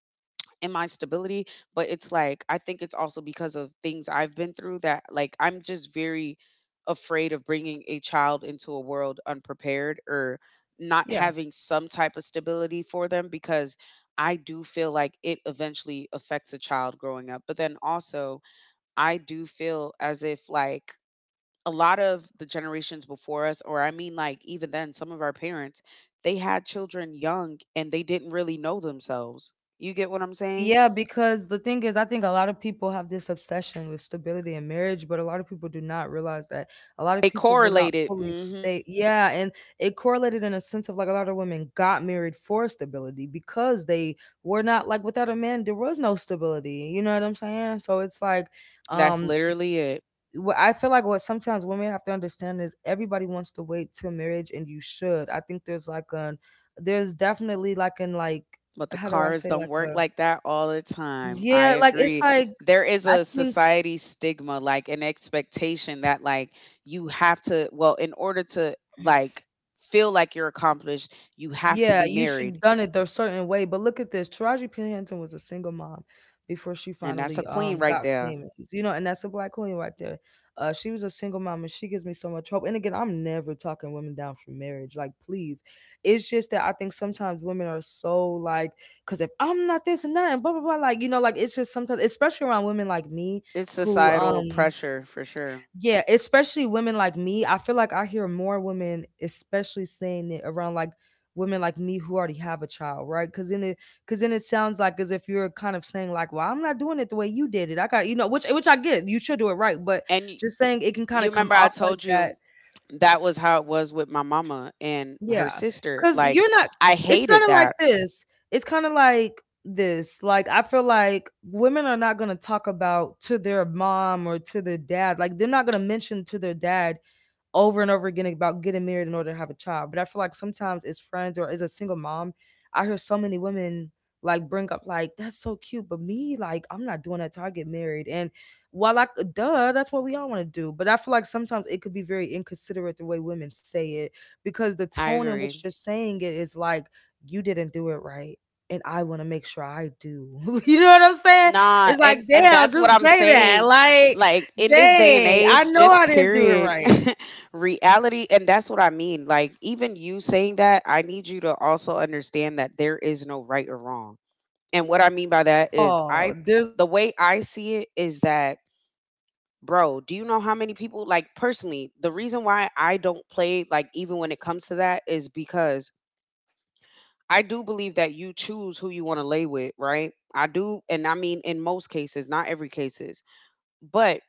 Speaker 2: in my stability. But it's like I think it's also because of things I've been through that, like, I'm just very afraid of bringing a child into a world unprepared, or not
Speaker 1: Yeah.
Speaker 2: having some type of stability for them, because I do feel like it eventually affects a child growing up. But then also, I do feel as if like a lot of the generations before us, or I mean, like even then, some of our parents, they had children young and they didn't really know themselves. You get what I'm saying?
Speaker 1: Yeah, because the thing is, I think a lot of people have this obsession with stability in marriage, but a lot of people do not realize that a lot of
Speaker 2: They
Speaker 1: people will not
Speaker 2: correlated.
Speaker 1: fully
Speaker 2: Mhm.
Speaker 1: stay. Yeah, and it correlated in a sense of like a lot of women got married for stability because they were not, like, without a man there was no stability. You know what I'm saying? So it's like,
Speaker 2: That's
Speaker 1: um,
Speaker 2: literally it.
Speaker 1: what I feel like, what sometimes women have to understand is everybody wants to wait till marriage, and you should. I think there's definitely like an, like,
Speaker 2: But the
Speaker 1: how do I
Speaker 2: cars
Speaker 1: say,
Speaker 2: don't
Speaker 1: like
Speaker 2: work
Speaker 1: a,
Speaker 2: like that all the time. I
Speaker 1: yeah, like it's
Speaker 2: agree.
Speaker 1: like,
Speaker 2: There is
Speaker 1: I
Speaker 2: a
Speaker 1: think,
Speaker 2: society stigma, like an expectation that like you have to well, in order to like feel like you're accomplished, you have to
Speaker 1: yeah,
Speaker 2: be
Speaker 1: you should
Speaker 2: married.
Speaker 1: done it the certain way. But look at this, Taraji P. Henson was a single mom before she
Speaker 2: And that's a
Speaker 1: finally
Speaker 2: queen right
Speaker 1: got
Speaker 2: there.
Speaker 1: famous. You know, and that's a black queen right there. She was a single mom, and she gives me so much hope. And again, I'm never talking women down for marriage. Like, please, it's just that I think sometimes women are so, like, because if I'm not this and that, and blah blah blah, like you know, like, it's just sometimes, especially around women like me
Speaker 2: It's
Speaker 1: who
Speaker 2: societal pressure for sure.
Speaker 1: Yeah, especially women like me. I feel like I hear more women, especially saying it around like women like me who already have a child, right? Because then it sounds like as if you're kind of saying like, "Well, I'm not doing it the way you did it. I got you know," which I get. You should do it right, but
Speaker 2: And
Speaker 1: just saying it can kind
Speaker 2: you
Speaker 1: of come
Speaker 2: remember I
Speaker 1: off like
Speaker 2: told
Speaker 1: that.
Speaker 2: you that was how it was with my mama and her
Speaker 1: Yeah,
Speaker 2: sister.
Speaker 1: because
Speaker 2: Like
Speaker 1: you're not.
Speaker 2: I
Speaker 1: It's kind
Speaker 2: hated
Speaker 1: of like
Speaker 2: that.
Speaker 1: this. It's kind of like this. Like I feel like women are not gonna talk about to their mom or to their dad. Like they're not gonna mention to their dad over and over again about getting married in order to have a child. But I feel like sometimes as friends or as a single mom, I hear so many women like bring up like that's so cute, but me like I'm not doing that till I get married. And while duh, that's what we all want to do. But I feel like sometimes it could be very inconsiderate the way women say it because the
Speaker 2: I
Speaker 1: tone in which
Speaker 2: agree.
Speaker 1: they're saying it is like, you didn't do it right. And I want to make sure I do. You know what I'm saying?
Speaker 2: Nah,
Speaker 1: It's like,
Speaker 2: and
Speaker 1: damn,
Speaker 2: that's what
Speaker 1: just
Speaker 2: I'm
Speaker 1: say that.
Speaker 2: saying.
Speaker 1: Like,
Speaker 2: Like in this day and
Speaker 1: dang, I
Speaker 2: age,
Speaker 1: know
Speaker 2: just
Speaker 1: I didn't do it
Speaker 2: period
Speaker 1: right.
Speaker 2: reality and that's what I mean. Like even you saying that, I need you to also understand that there is no right or wrong. And what I mean by that is
Speaker 1: Oh,
Speaker 2: I the way I see it is that bro, do you know how many people like personally, the reason why I don't play like even when it comes to that is because I do believe that you choose who you want to lay with, right? I do, and I mean in most cases, not every cases but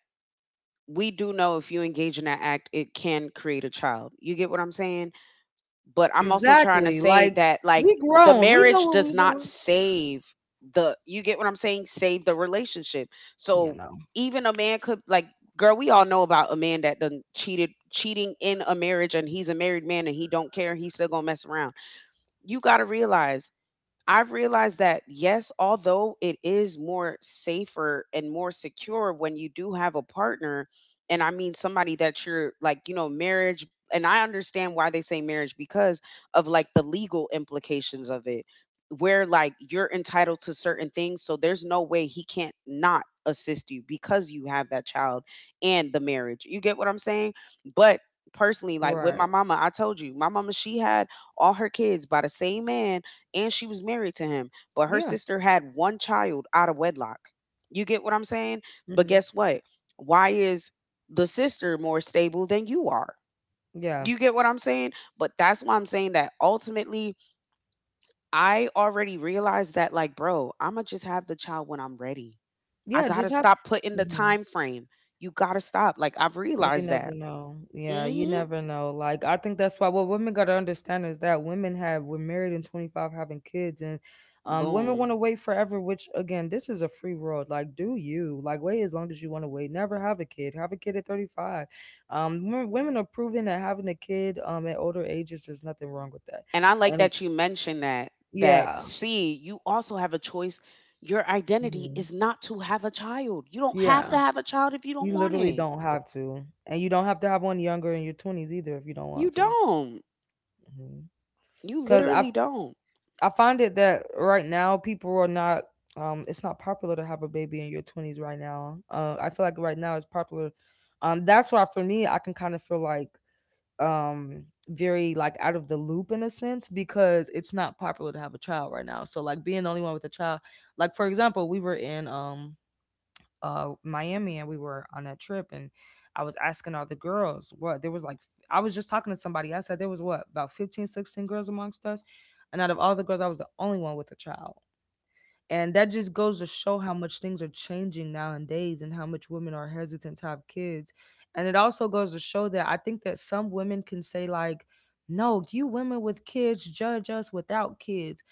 Speaker 2: we do know if you engage in that act, it can create a child. You get what I'm saying? But I'm also trying to
Speaker 1: exactly,
Speaker 2: say
Speaker 1: like
Speaker 2: that like
Speaker 1: we
Speaker 2: the
Speaker 1: grown. We know
Speaker 2: marriage
Speaker 1: what we
Speaker 2: does
Speaker 1: are
Speaker 2: not
Speaker 1: doing.
Speaker 2: save the you get what I'm saying? Save the relationship.
Speaker 1: You
Speaker 2: So
Speaker 1: know.
Speaker 2: even a man could like girl, we all know about a man that done cheated cheating in a marriage and he's a married man and he don't care, he's still gonna mess around. You gotta realize I've realized that yes, although it is more safer and more secure when you do have a partner, and I mean somebody that you're like, you know, marriage, and I understand why they say marriage because of like the legal implications of it, where like you're entitled to certain things. So there's no way he can't not assist you because you have that child and the marriage. You get what I'm saying? But personally, like with my
Speaker 1: Right.
Speaker 2: mama, I told you, my mama, she had all her kids by the same man and she was married to him, but her
Speaker 1: Yeah.
Speaker 2: sister had one child out of wedlock. You get what I'm saying? But
Speaker 1: Hmm.
Speaker 2: guess what? Why is the sister more stable than you are?
Speaker 1: Yeah.
Speaker 2: You get what I'm saying? But that's why I'm saying that ultimately, I already realized that, like, bro, I'm gonna just have the child when I'm ready. I
Speaker 1: Yeah.
Speaker 2: gotta
Speaker 1: Just have.
Speaker 2: stop putting the
Speaker 1: Mhm.
Speaker 2: time frame. You gotta stop. Like, I've
Speaker 1: You
Speaker 2: realized
Speaker 1: never
Speaker 2: that.
Speaker 1: know. Yeah,
Speaker 2: Mm
Speaker 1: you
Speaker 2: hmm.
Speaker 1: never know. Like I think that's why what women gotta understand is that women have we're married in 25 having kids, and women wanna
Speaker 2: Boom.
Speaker 1: wait forever, which again, this is a free world. Like do you. Like wait as long as you wanna wait. Never have a kid. Have a kid at 35. Women are proving that having a kid at older ages, there's nothing wrong with that.
Speaker 2: And I like
Speaker 1: And
Speaker 2: that you mentioned that
Speaker 1: yeah.
Speaker 2: see, you also have a choice. Your identity
Speaker 1: Mhm.
Speaker 2: is not to have a child. You don't have
Speaker 1: Yeah.
Speaker 2: to have a child if you don't
Speaker 1: You
Speaker 2: want
Speaker 1: literally
Speaker 2: it.
Speaker 1: don't have to. And you don't have to have one younger in your twenties either if you don't
Speaker 2: You
Speaker 1: want to.
Speaker 2: don't.
Speaker 1: hmm
Speaker 2: You
Speaker 1: because
Speaker 2: literally
Speaker 1: I
Speaker 2: don't.
Speaker 1: I find it that right now people are not— it's not popular to have a baby in your 20s right now. I feel like right now it's popular. That's why for me I can kind of feel like very like out of the loop in a sense, because it's not popular to have a child right now. So like being the only one with a child, like for example, we were in Miami and we were on that trip and I was asking all the girls what there was like I was just talking to somebody. I said there was what about 15, 16 girls amongst us, and out of all the girls I was the only one with a child. And that just goes to show how much things are changing nowadays and how much women are hesitant to have kids. And it also goes to show that I think that some women can say like, no, you women with kids judge us without kids.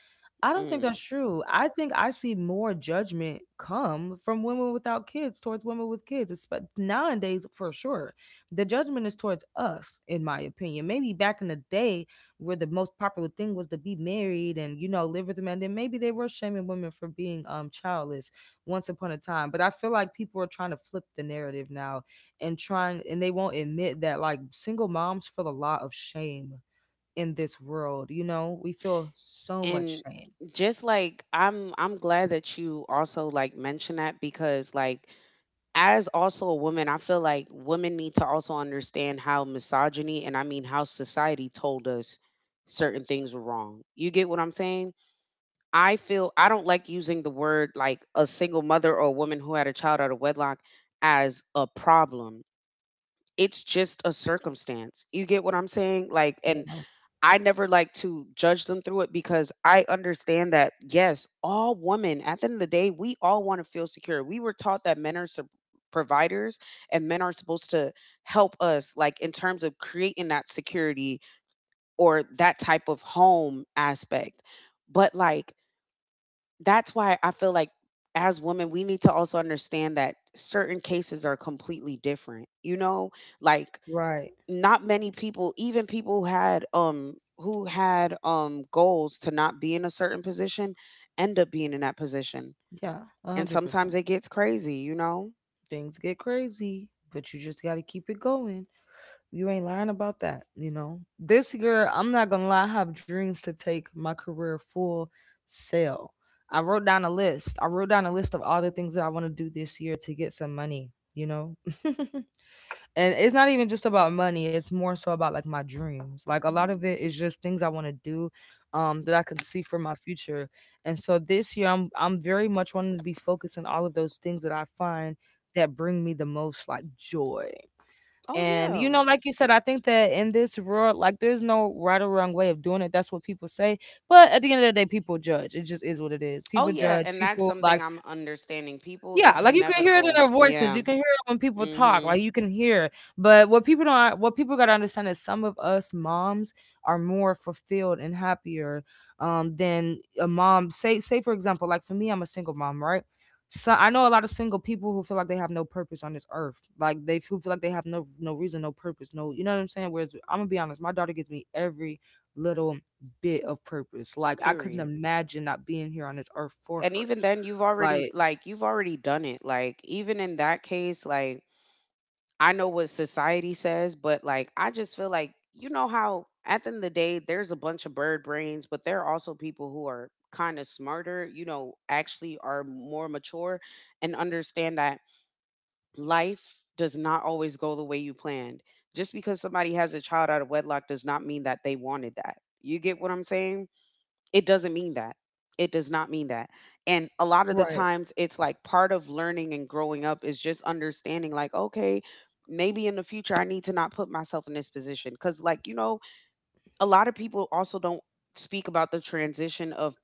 Speaker 1: I don't think
Speaker 2: Mm.
Speaker 1: that's true. I think I see more judgment come from women without kids towards women with kids. It's, but nowadays, for sure, the judgment is towards us, in my opinion. Maybe back in the day, where the most popular thing was to be married and, you know, live with a man, then maybe they were shaming women for being childless once upon a time. But I feel like people are trying to flip the narrative now and trying, and they won't admit that like single moms feel a lot of shame in this world. You know, we feel so much
Speaker 2: And
Speaker 1: shame.
Speaker 2: just like I'm glad that you also like mentioned that because like as also a woman, I feel like women need to also understand how misogyny and I mean how society told us certain things were wrong. You get what I'm saying? I don't like using the word like a single mother or a woman who had a child out of wedlock as a problem. It's just a circumstance. You get what I'm saying? Like, and
Speaker 1: Yeah,
Speaker 2: I never like to judge them through it because I understand that, yes, all women, at the end of the day, we all want to feel secure. We were taught that men are providers and men are supposed to help us, like, in terms of creating that security or that type of home aspect. But, like, that's why I feel like as women, we need to also understand that certain cases are completely different. You know, like
Speaker 1: right.
Speaker 2: not many people, even people who had goals to not be in a certain position end up being in that position.
Speaker 1: Yeah,
Speaker 2: And sometimes
Speaker 1: 100%.
Speaker 2: it gets crazy, you know?
Speaker 1: Things get crazy, but you just got to keep it going. You ain't lying about that, you know? This year, I'm not going to lie, I have dreams to take my career full sail. I wrote down a list. I wrote down a list of all the things that I want to do this year to get some money, you know? And it's not even just about money, it's more so about like my dreams. Like a lot of it is just things I want to do that I can see for my future. And so this year I'm very much wanting to be focused on all of those things that I find that bring me the most like joy.
Speaker 2: Oh
Speaker 1: And you
Speaker 2: yeah.
Speaker 1: know, like you said, I think that in this world, like there's no right or wrong way of doing it, that's what people say, but at the end of the day people judge. It just is what it is,
Speaker 2: Oh
Speaker 1: people
Speaker 2: yeah,
Speaker 1: judge
Speaker 2: and that's
Speaker 1: people. Like
Speaker 2: something I'm understanding. People,
Speaker 1: yeah,
Speaker 2: it's
Speaker 1: like, you can hear it in
Speaker 2: inevitable.
Speaker 1: their voices, you
Speaker 2: Yeah.
Speaker 1: can hear it when people talk, like,
Speaker 2: Mhm.
Speaker 1: you can hear. But what people don't what people gotta understand is some of us moms are more fulfilled and happier, than a mom say, for example, like, for me, I'm a single mom, right? So, I know a lot of single people who feel like they have no purpose on this earth, like, they who feel like they have no reason, no purpose, no, you know what I'm saying? Whereas, Imma be honest, my daughter gives me every little bit of purpose, like, I couldn't
Speaker 2: Period.
Speaker 1: imagine not being here on this earth for
Speaker 2: And
Speaker 1: her,
Speaker 2: even then you've already
Speaker 1: like.
Speaker 2: like you've already done it, like even in that case, like I know what society says, but like I just feel like, you know, how at the end of the day there's a bunch of bird brains, but there are also people who are kind of smarter, you know, actually are more mature and understand that life does not always go the way you planned. Just because somebody has a child out of wedlock does not mean that they wanted that, you get what I'm saying? It doesn't mean that. It does not mean that. And a lot of the
Speaker 1: Right.
Speaker 2: times, it's like part of learning and growing up is just understanding, like, okay, maybe in the future, I need to not put myself in this position. Cause, like, you know, a lot of people also don't speak about the transition of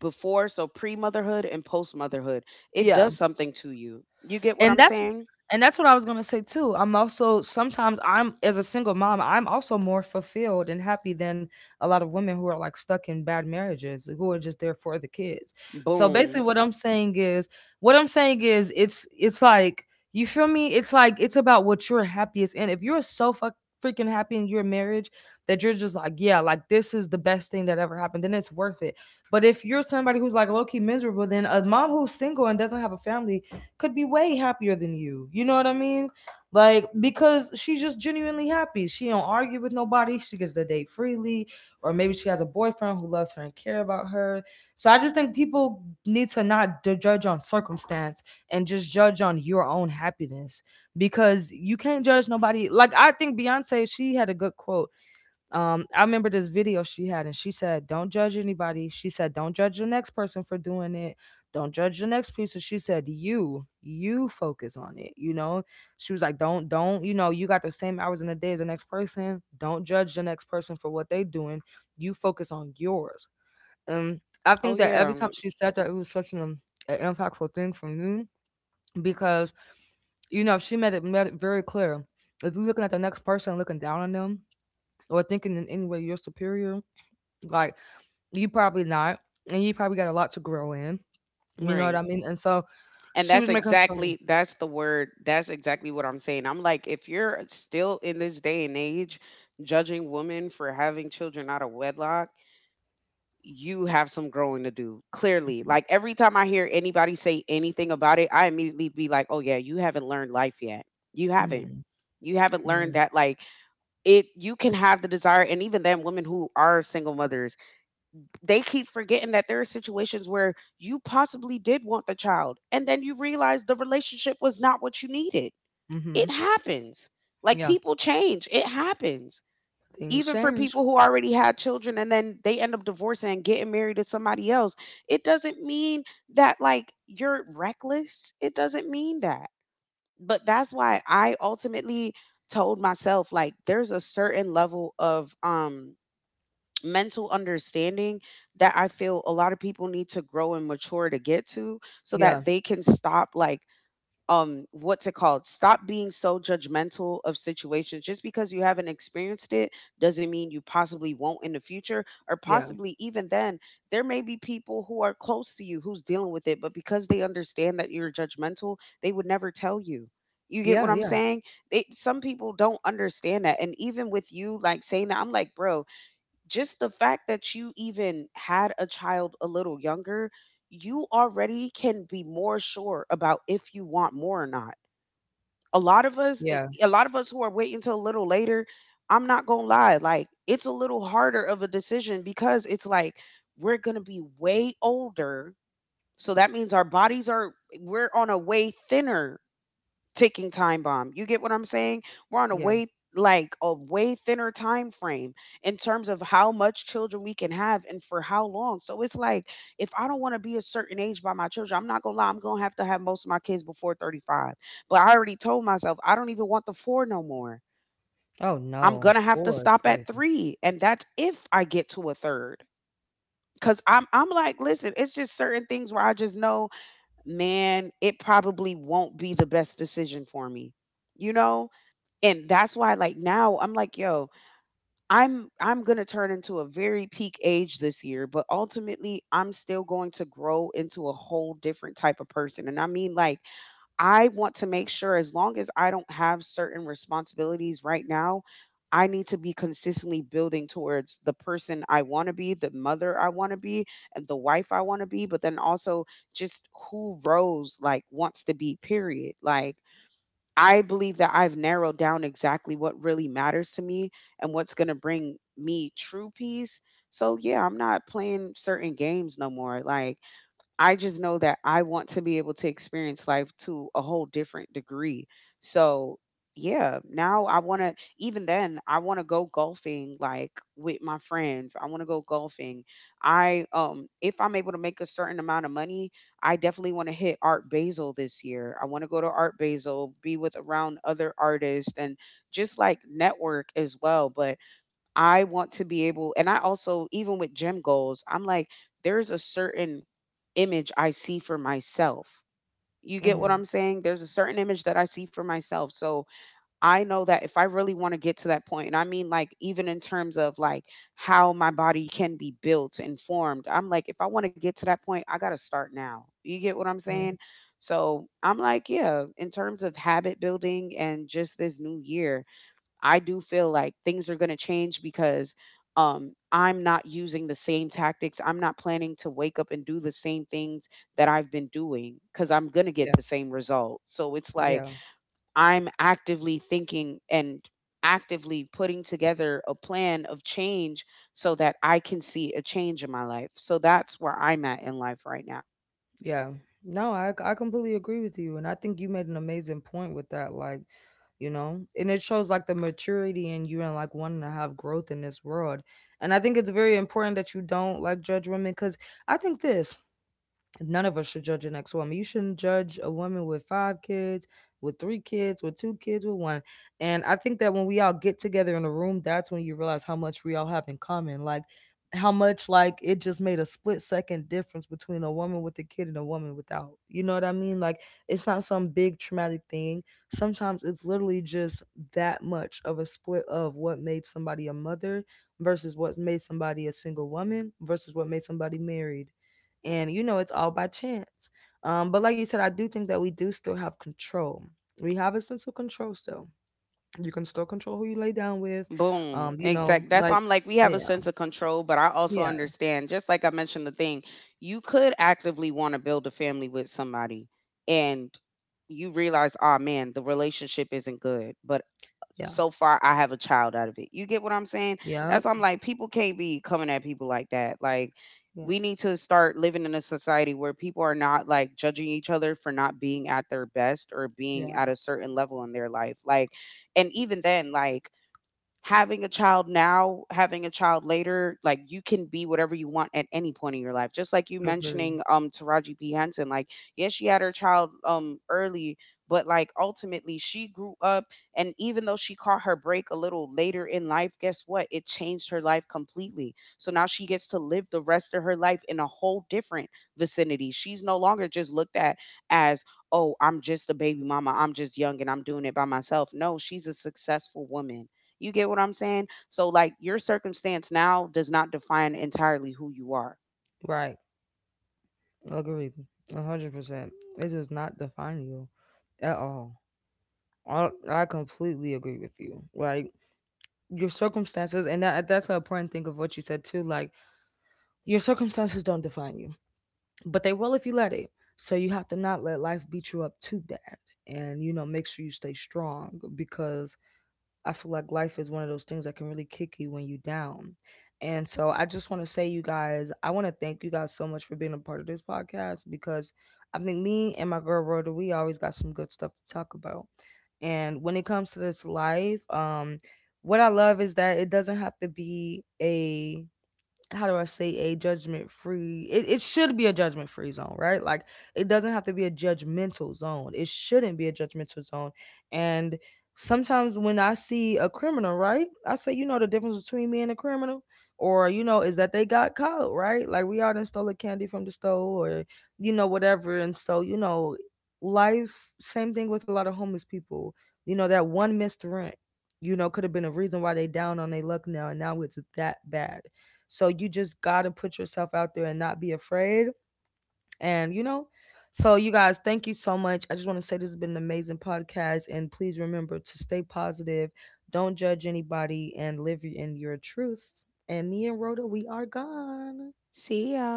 Speaker 2: before, so pre motherhood and post motherhood. It
Speaker 1: Yeah.
Speaker 2: does something to you. You get what
Speaker 1: And
Speaker 2: I'm
Speaker 1: that's
Speaker 2: saying?
Speaker 1: and that's what I was gonna say too. I'm also sometimes I'm, as a single mom, I'm also more fulfilled and happy than a lot of women who are like stuck in bad marriages, who are just there for the kids. So basically
Speaker 2: Boom.
Speaker 1: what I'm saying is it's like, you feel me? It's like it's about what you're happiest in. If you're so fuck freaking happy in your marriage that you're just like, yeah, like this is the best thing that ever happened, then it's worth it. But if you're somebody who's like low key miserable, then a mom who's single and doesn't have a family could be way happier than you. You know what I mean? Like because she's just genuinely happy. She don't argue with nobody. She gets to date freely, or maybe she has a boyfriend who loves her and care about her. So I just think people need to not d- judge on circumstance and just judge on your own happiness, because you can't judge nobody. Like I think Beyonce, she had a good quote. I remember this video she had, and she said, don't judge anybody. She said, don't judge the next person for doing it, don't judge the next person. She said, you focus on it, you know. She was like, don't, you know, you got the same hours in the day as the next person, don't judge the next person for what they doing, you focus on yours. I
Speaker 2: Oh,
Speaker 1: think that every time
Speaker 2: yeah.
Speaker 1: she said that, it was such an impactful thing for me, because you know she made it very clear, if you're looking at the next person, looking down on them, or thinking in any way you're superior, like you probably not, and you probably got a lot to grow in. You know what I
Speaker 2: Right.
Speaker 1: mean? And so
Speaker 2: And
Speaker 1: she was
Speaker 2: that's
Speaker 1: making some.
Speaker 2: exactly that's the word. That's exactly what I'm saying. I'm like, if you're still in this day and age judging women for having children out of wedlock, you have some growing to do. Clearly,
Speaker 1: Mm-hmm.
Speaker 2: like every time I hear anybody say anything about it, I immediately be like, "Oh yeah, you haven't learned life yet. You haven't. You haven't learned
Speaker 1: mm
Speaker 2: that like it. You can have the desire, and even then, women who are single mothers, they keep forgetting that there are situations where you possibly did want the child and then you realize the relationship was not what you needed. It
Speaker 1: mm-hmm.
Speaker 2: happens. Like
Speaker 1: Yeah,
Speaker 2: people change, it happens.
Speaker 1: things
Speaker 2: Even for people
Speaker 1: change.
Speaker 2: who already had children and then they end up divorcing and getting married to somebody else, it doesn't mean that like you're reckless. It doesn't mean that. But that's why I ultimately told myself like there's a certain level of mental understanding that I feel a lot of people need to grow and mature to get to, so that
Speaker 1: Yeah,
Speaker 2: they can stop like what's it called stop being so judgmental of situations. Just because you haven't experienced it doesn't mean you possibly won't in the future, or
Speaker 1: yeah,
Speaker 2: possibly even then there may be people who are close to you who's dealing with it, but because they understand that you're judgmental, they would never tell you. You get what
Speaker 1: yeah,
Speaker 2: I'm
Speaker 1: yeah,
Speaker 2: saying? It, some people don't understand that, and even with you like saying that, I'm like bro, just the fact that you even had a child a little younger, you already can be more sure about if you want more or not. A lot of us,
Speaker 1: yeah,
Speaker 2: a lot of us who are waiting till a little later, I'm not gonna lie, like it's a little harder of a decision because it's like we're gonna be way older. So that means we're on a way thinner ticking time bomb. You get what I'm saying? We're on a
Speaker 1: yeah.
Speaker 2: way like a way thinner time frame in terms of how much children we can have and for how long. So it's like if I don't want to be a certain age by my children, I'm not gonna lie, I'm gonna have to have most of my kids before 35. But I already told myself I don't even want the four no more.
Speaker 1: Oh
Speaker 2: I'm
Speaker 1: no,
Speaker 2: gonna have to
Speaker 1: four is
Speaker 2: stop at
Speaker 1: crazy.
Speaker 2: three. And that's if I get to a third. Cause I'm like, listen, it's just certain things where I just know, man, it probably won't be the best decision for me, you know? And that's why like now I'm like, yo, I'm gonna turn into a very peak age this year, but ultimately I'm still going to grow into a whole different type of person. And I mean like I want to make sure, as long as I don't have certain responsibilities right now, I need to be consistently building towards the person I want to be, the mother I want to be, and the wife I want to be, but then also just who Rose like wants to be, period. Like, I believe that I've narrowed down exactly what really matters to me and what's going to bring me true peace. So yeah, I'm not playing certain games no more. Like I just know that I want to be able to experience life to a whole different degree. So, yeah, now I want to, even then, I want to go golfing like with my friends. I want to go golfing. I, if I'm able to make a certain amount of money, I definitely want to hit Art Basel this year. I want to go to Art Basel, be with around other artists and just like network as well. But I want to be able, and I also, even with gym goals, I'm like there's a certain image I see for myself. You get what
Speaker 1: Mm-hmm,
Speaker 2: I'm saying? There's a certain image that I see for myself. So I know that if I really want to get to that point, and I mean like even in terms of like how my body can be built and formed, I'm like, if I want to get to that point, I got to start now. You get what I'm
Speaker 1: mm-hmm,
Speaker 2: saying? So I'm like, yeah, in terms of habit building and just this new year, I do feel like things are going to change because I'm not using the same tactics. I'm not planning to wake up and do the same things that I've been doing because I'm going to get
Speaker 1: yeah,
Speaker 2: the same result. So it's
Speaker 1: yeah.
Speaker 2: like I'm actively thinking and actively putting together a plan of change so that I can see a change in my life. So that's where I'm at in life right now.
Speaker 1: Yeah. No, I completely agree with you, and I think you made an amazing point with that, like, you know, and it shows like the maturity in you and like wanting to have growth in this world. And I think it's very important that you don't like judge women, cuz I think this none of us should judge an ex-woman. You shouldn't judge a woman with five kids, with three kids, with two kids, with one. And I think that when we all get together in a room, that's when you realize how much we all have in common. Like how much, like it just made a split second difference between a woman with a kid and a woman without. You know what I mean? Like it's not some big traumatic thing. Sometimes it's literally just that much of a split of what made somebody a mother versus what made somebody a single woman versus what made somebody married. And you know it's all by chance. But like you said, I do think that we do still have control, we have a sense of control still. You can still control who you lay down with.
Speaker 2: Boom.
Speaker 1: You know,
Speaker 2: Exact. That's why
Speaker 1: like
Speaker 2: I'm like, we have a
Speaker 1: yeah,
Speaker 2: sense of control, but I also
Speaker 1: yeah,
Speaker 2: understand, just like I mentioned the thing, you could actively want to build a family with somebody and you realize, oh man, the relationship isn't good, but
Speaker 1: yeah,
Speaker 2: so far I have a child out of it. You get what I'm saying?
Speaker 1: yeah,
Speaker 2: That's why I'm like, people can't be coming at people like that. Like,
Speaker 1: yeah,
Speaker 2: we need to start living in a society where people are not like judging each other for not being at their best or being at
Speaker 1: yeah.
Speaker 2: a certain level in their life. Like, and even then, like, having a child now, having a child later, like you can be whatever you want at any point in your life. Just like you
Speaker 1: Agree.
Speaker 2: mentioning Taraji P. Henson, like, yes, she had her child early, but like ultimately she grew up, and even though she caught her break a little later in life, guess what? It changed her life completely. So now she gets to live the rest of her life in a whole different vicinity. She's no longer just looked at as, oh, I'm just a baby mama, I'm just young and I'm doing it by myself. No, she's a successful woman, you get what I'm saying? So, like, your circumstance now does not define entirely who you are.
Speaker 1: Right. Agree. A 100%, it does not define you at all. I completely agree with you. Like your circumstances, and that's an important thing of what you said too, like your circumstances don't define you, but they will if you let it. So you have to not let life beat you up too bad. And you know, make sure you stay strong, because I feel like life is one of those things that can really kick you when you down. And so I just want to say, you guys, I want to thank you guys so much for being a part of this podcast, because I think me and my girl Rhoda, we always got some good stuff to talk about. And when it comes to this life, what I love is that it doesn't have to be a, how do I say, a judgment free? It should be a judgment free zone, right? Like it doesn't have to be a judgmental zone. It shouldn't be a judgmental zone. And sometimes when I see a criminal, right, I say, you know, the difference between me and a criminal, or you know, is that they got caught, right? Like we all done stole a candy from the store, or you know, whatever. And so you know, life. Same thing with a lot of homeless people. You know, that one missed rent, you know, could have been a reason why they down on their luck now, and now it's that bad. So you just got to put yourself out there and not be afraid. And, you know, so you guys, thank you so much. I just want to say this has been an amazing podcast. And please remember to stay positive, don't judge anybody, and live in your truth. And me and Rhoda, we are gone.
Speaker 2: See ya.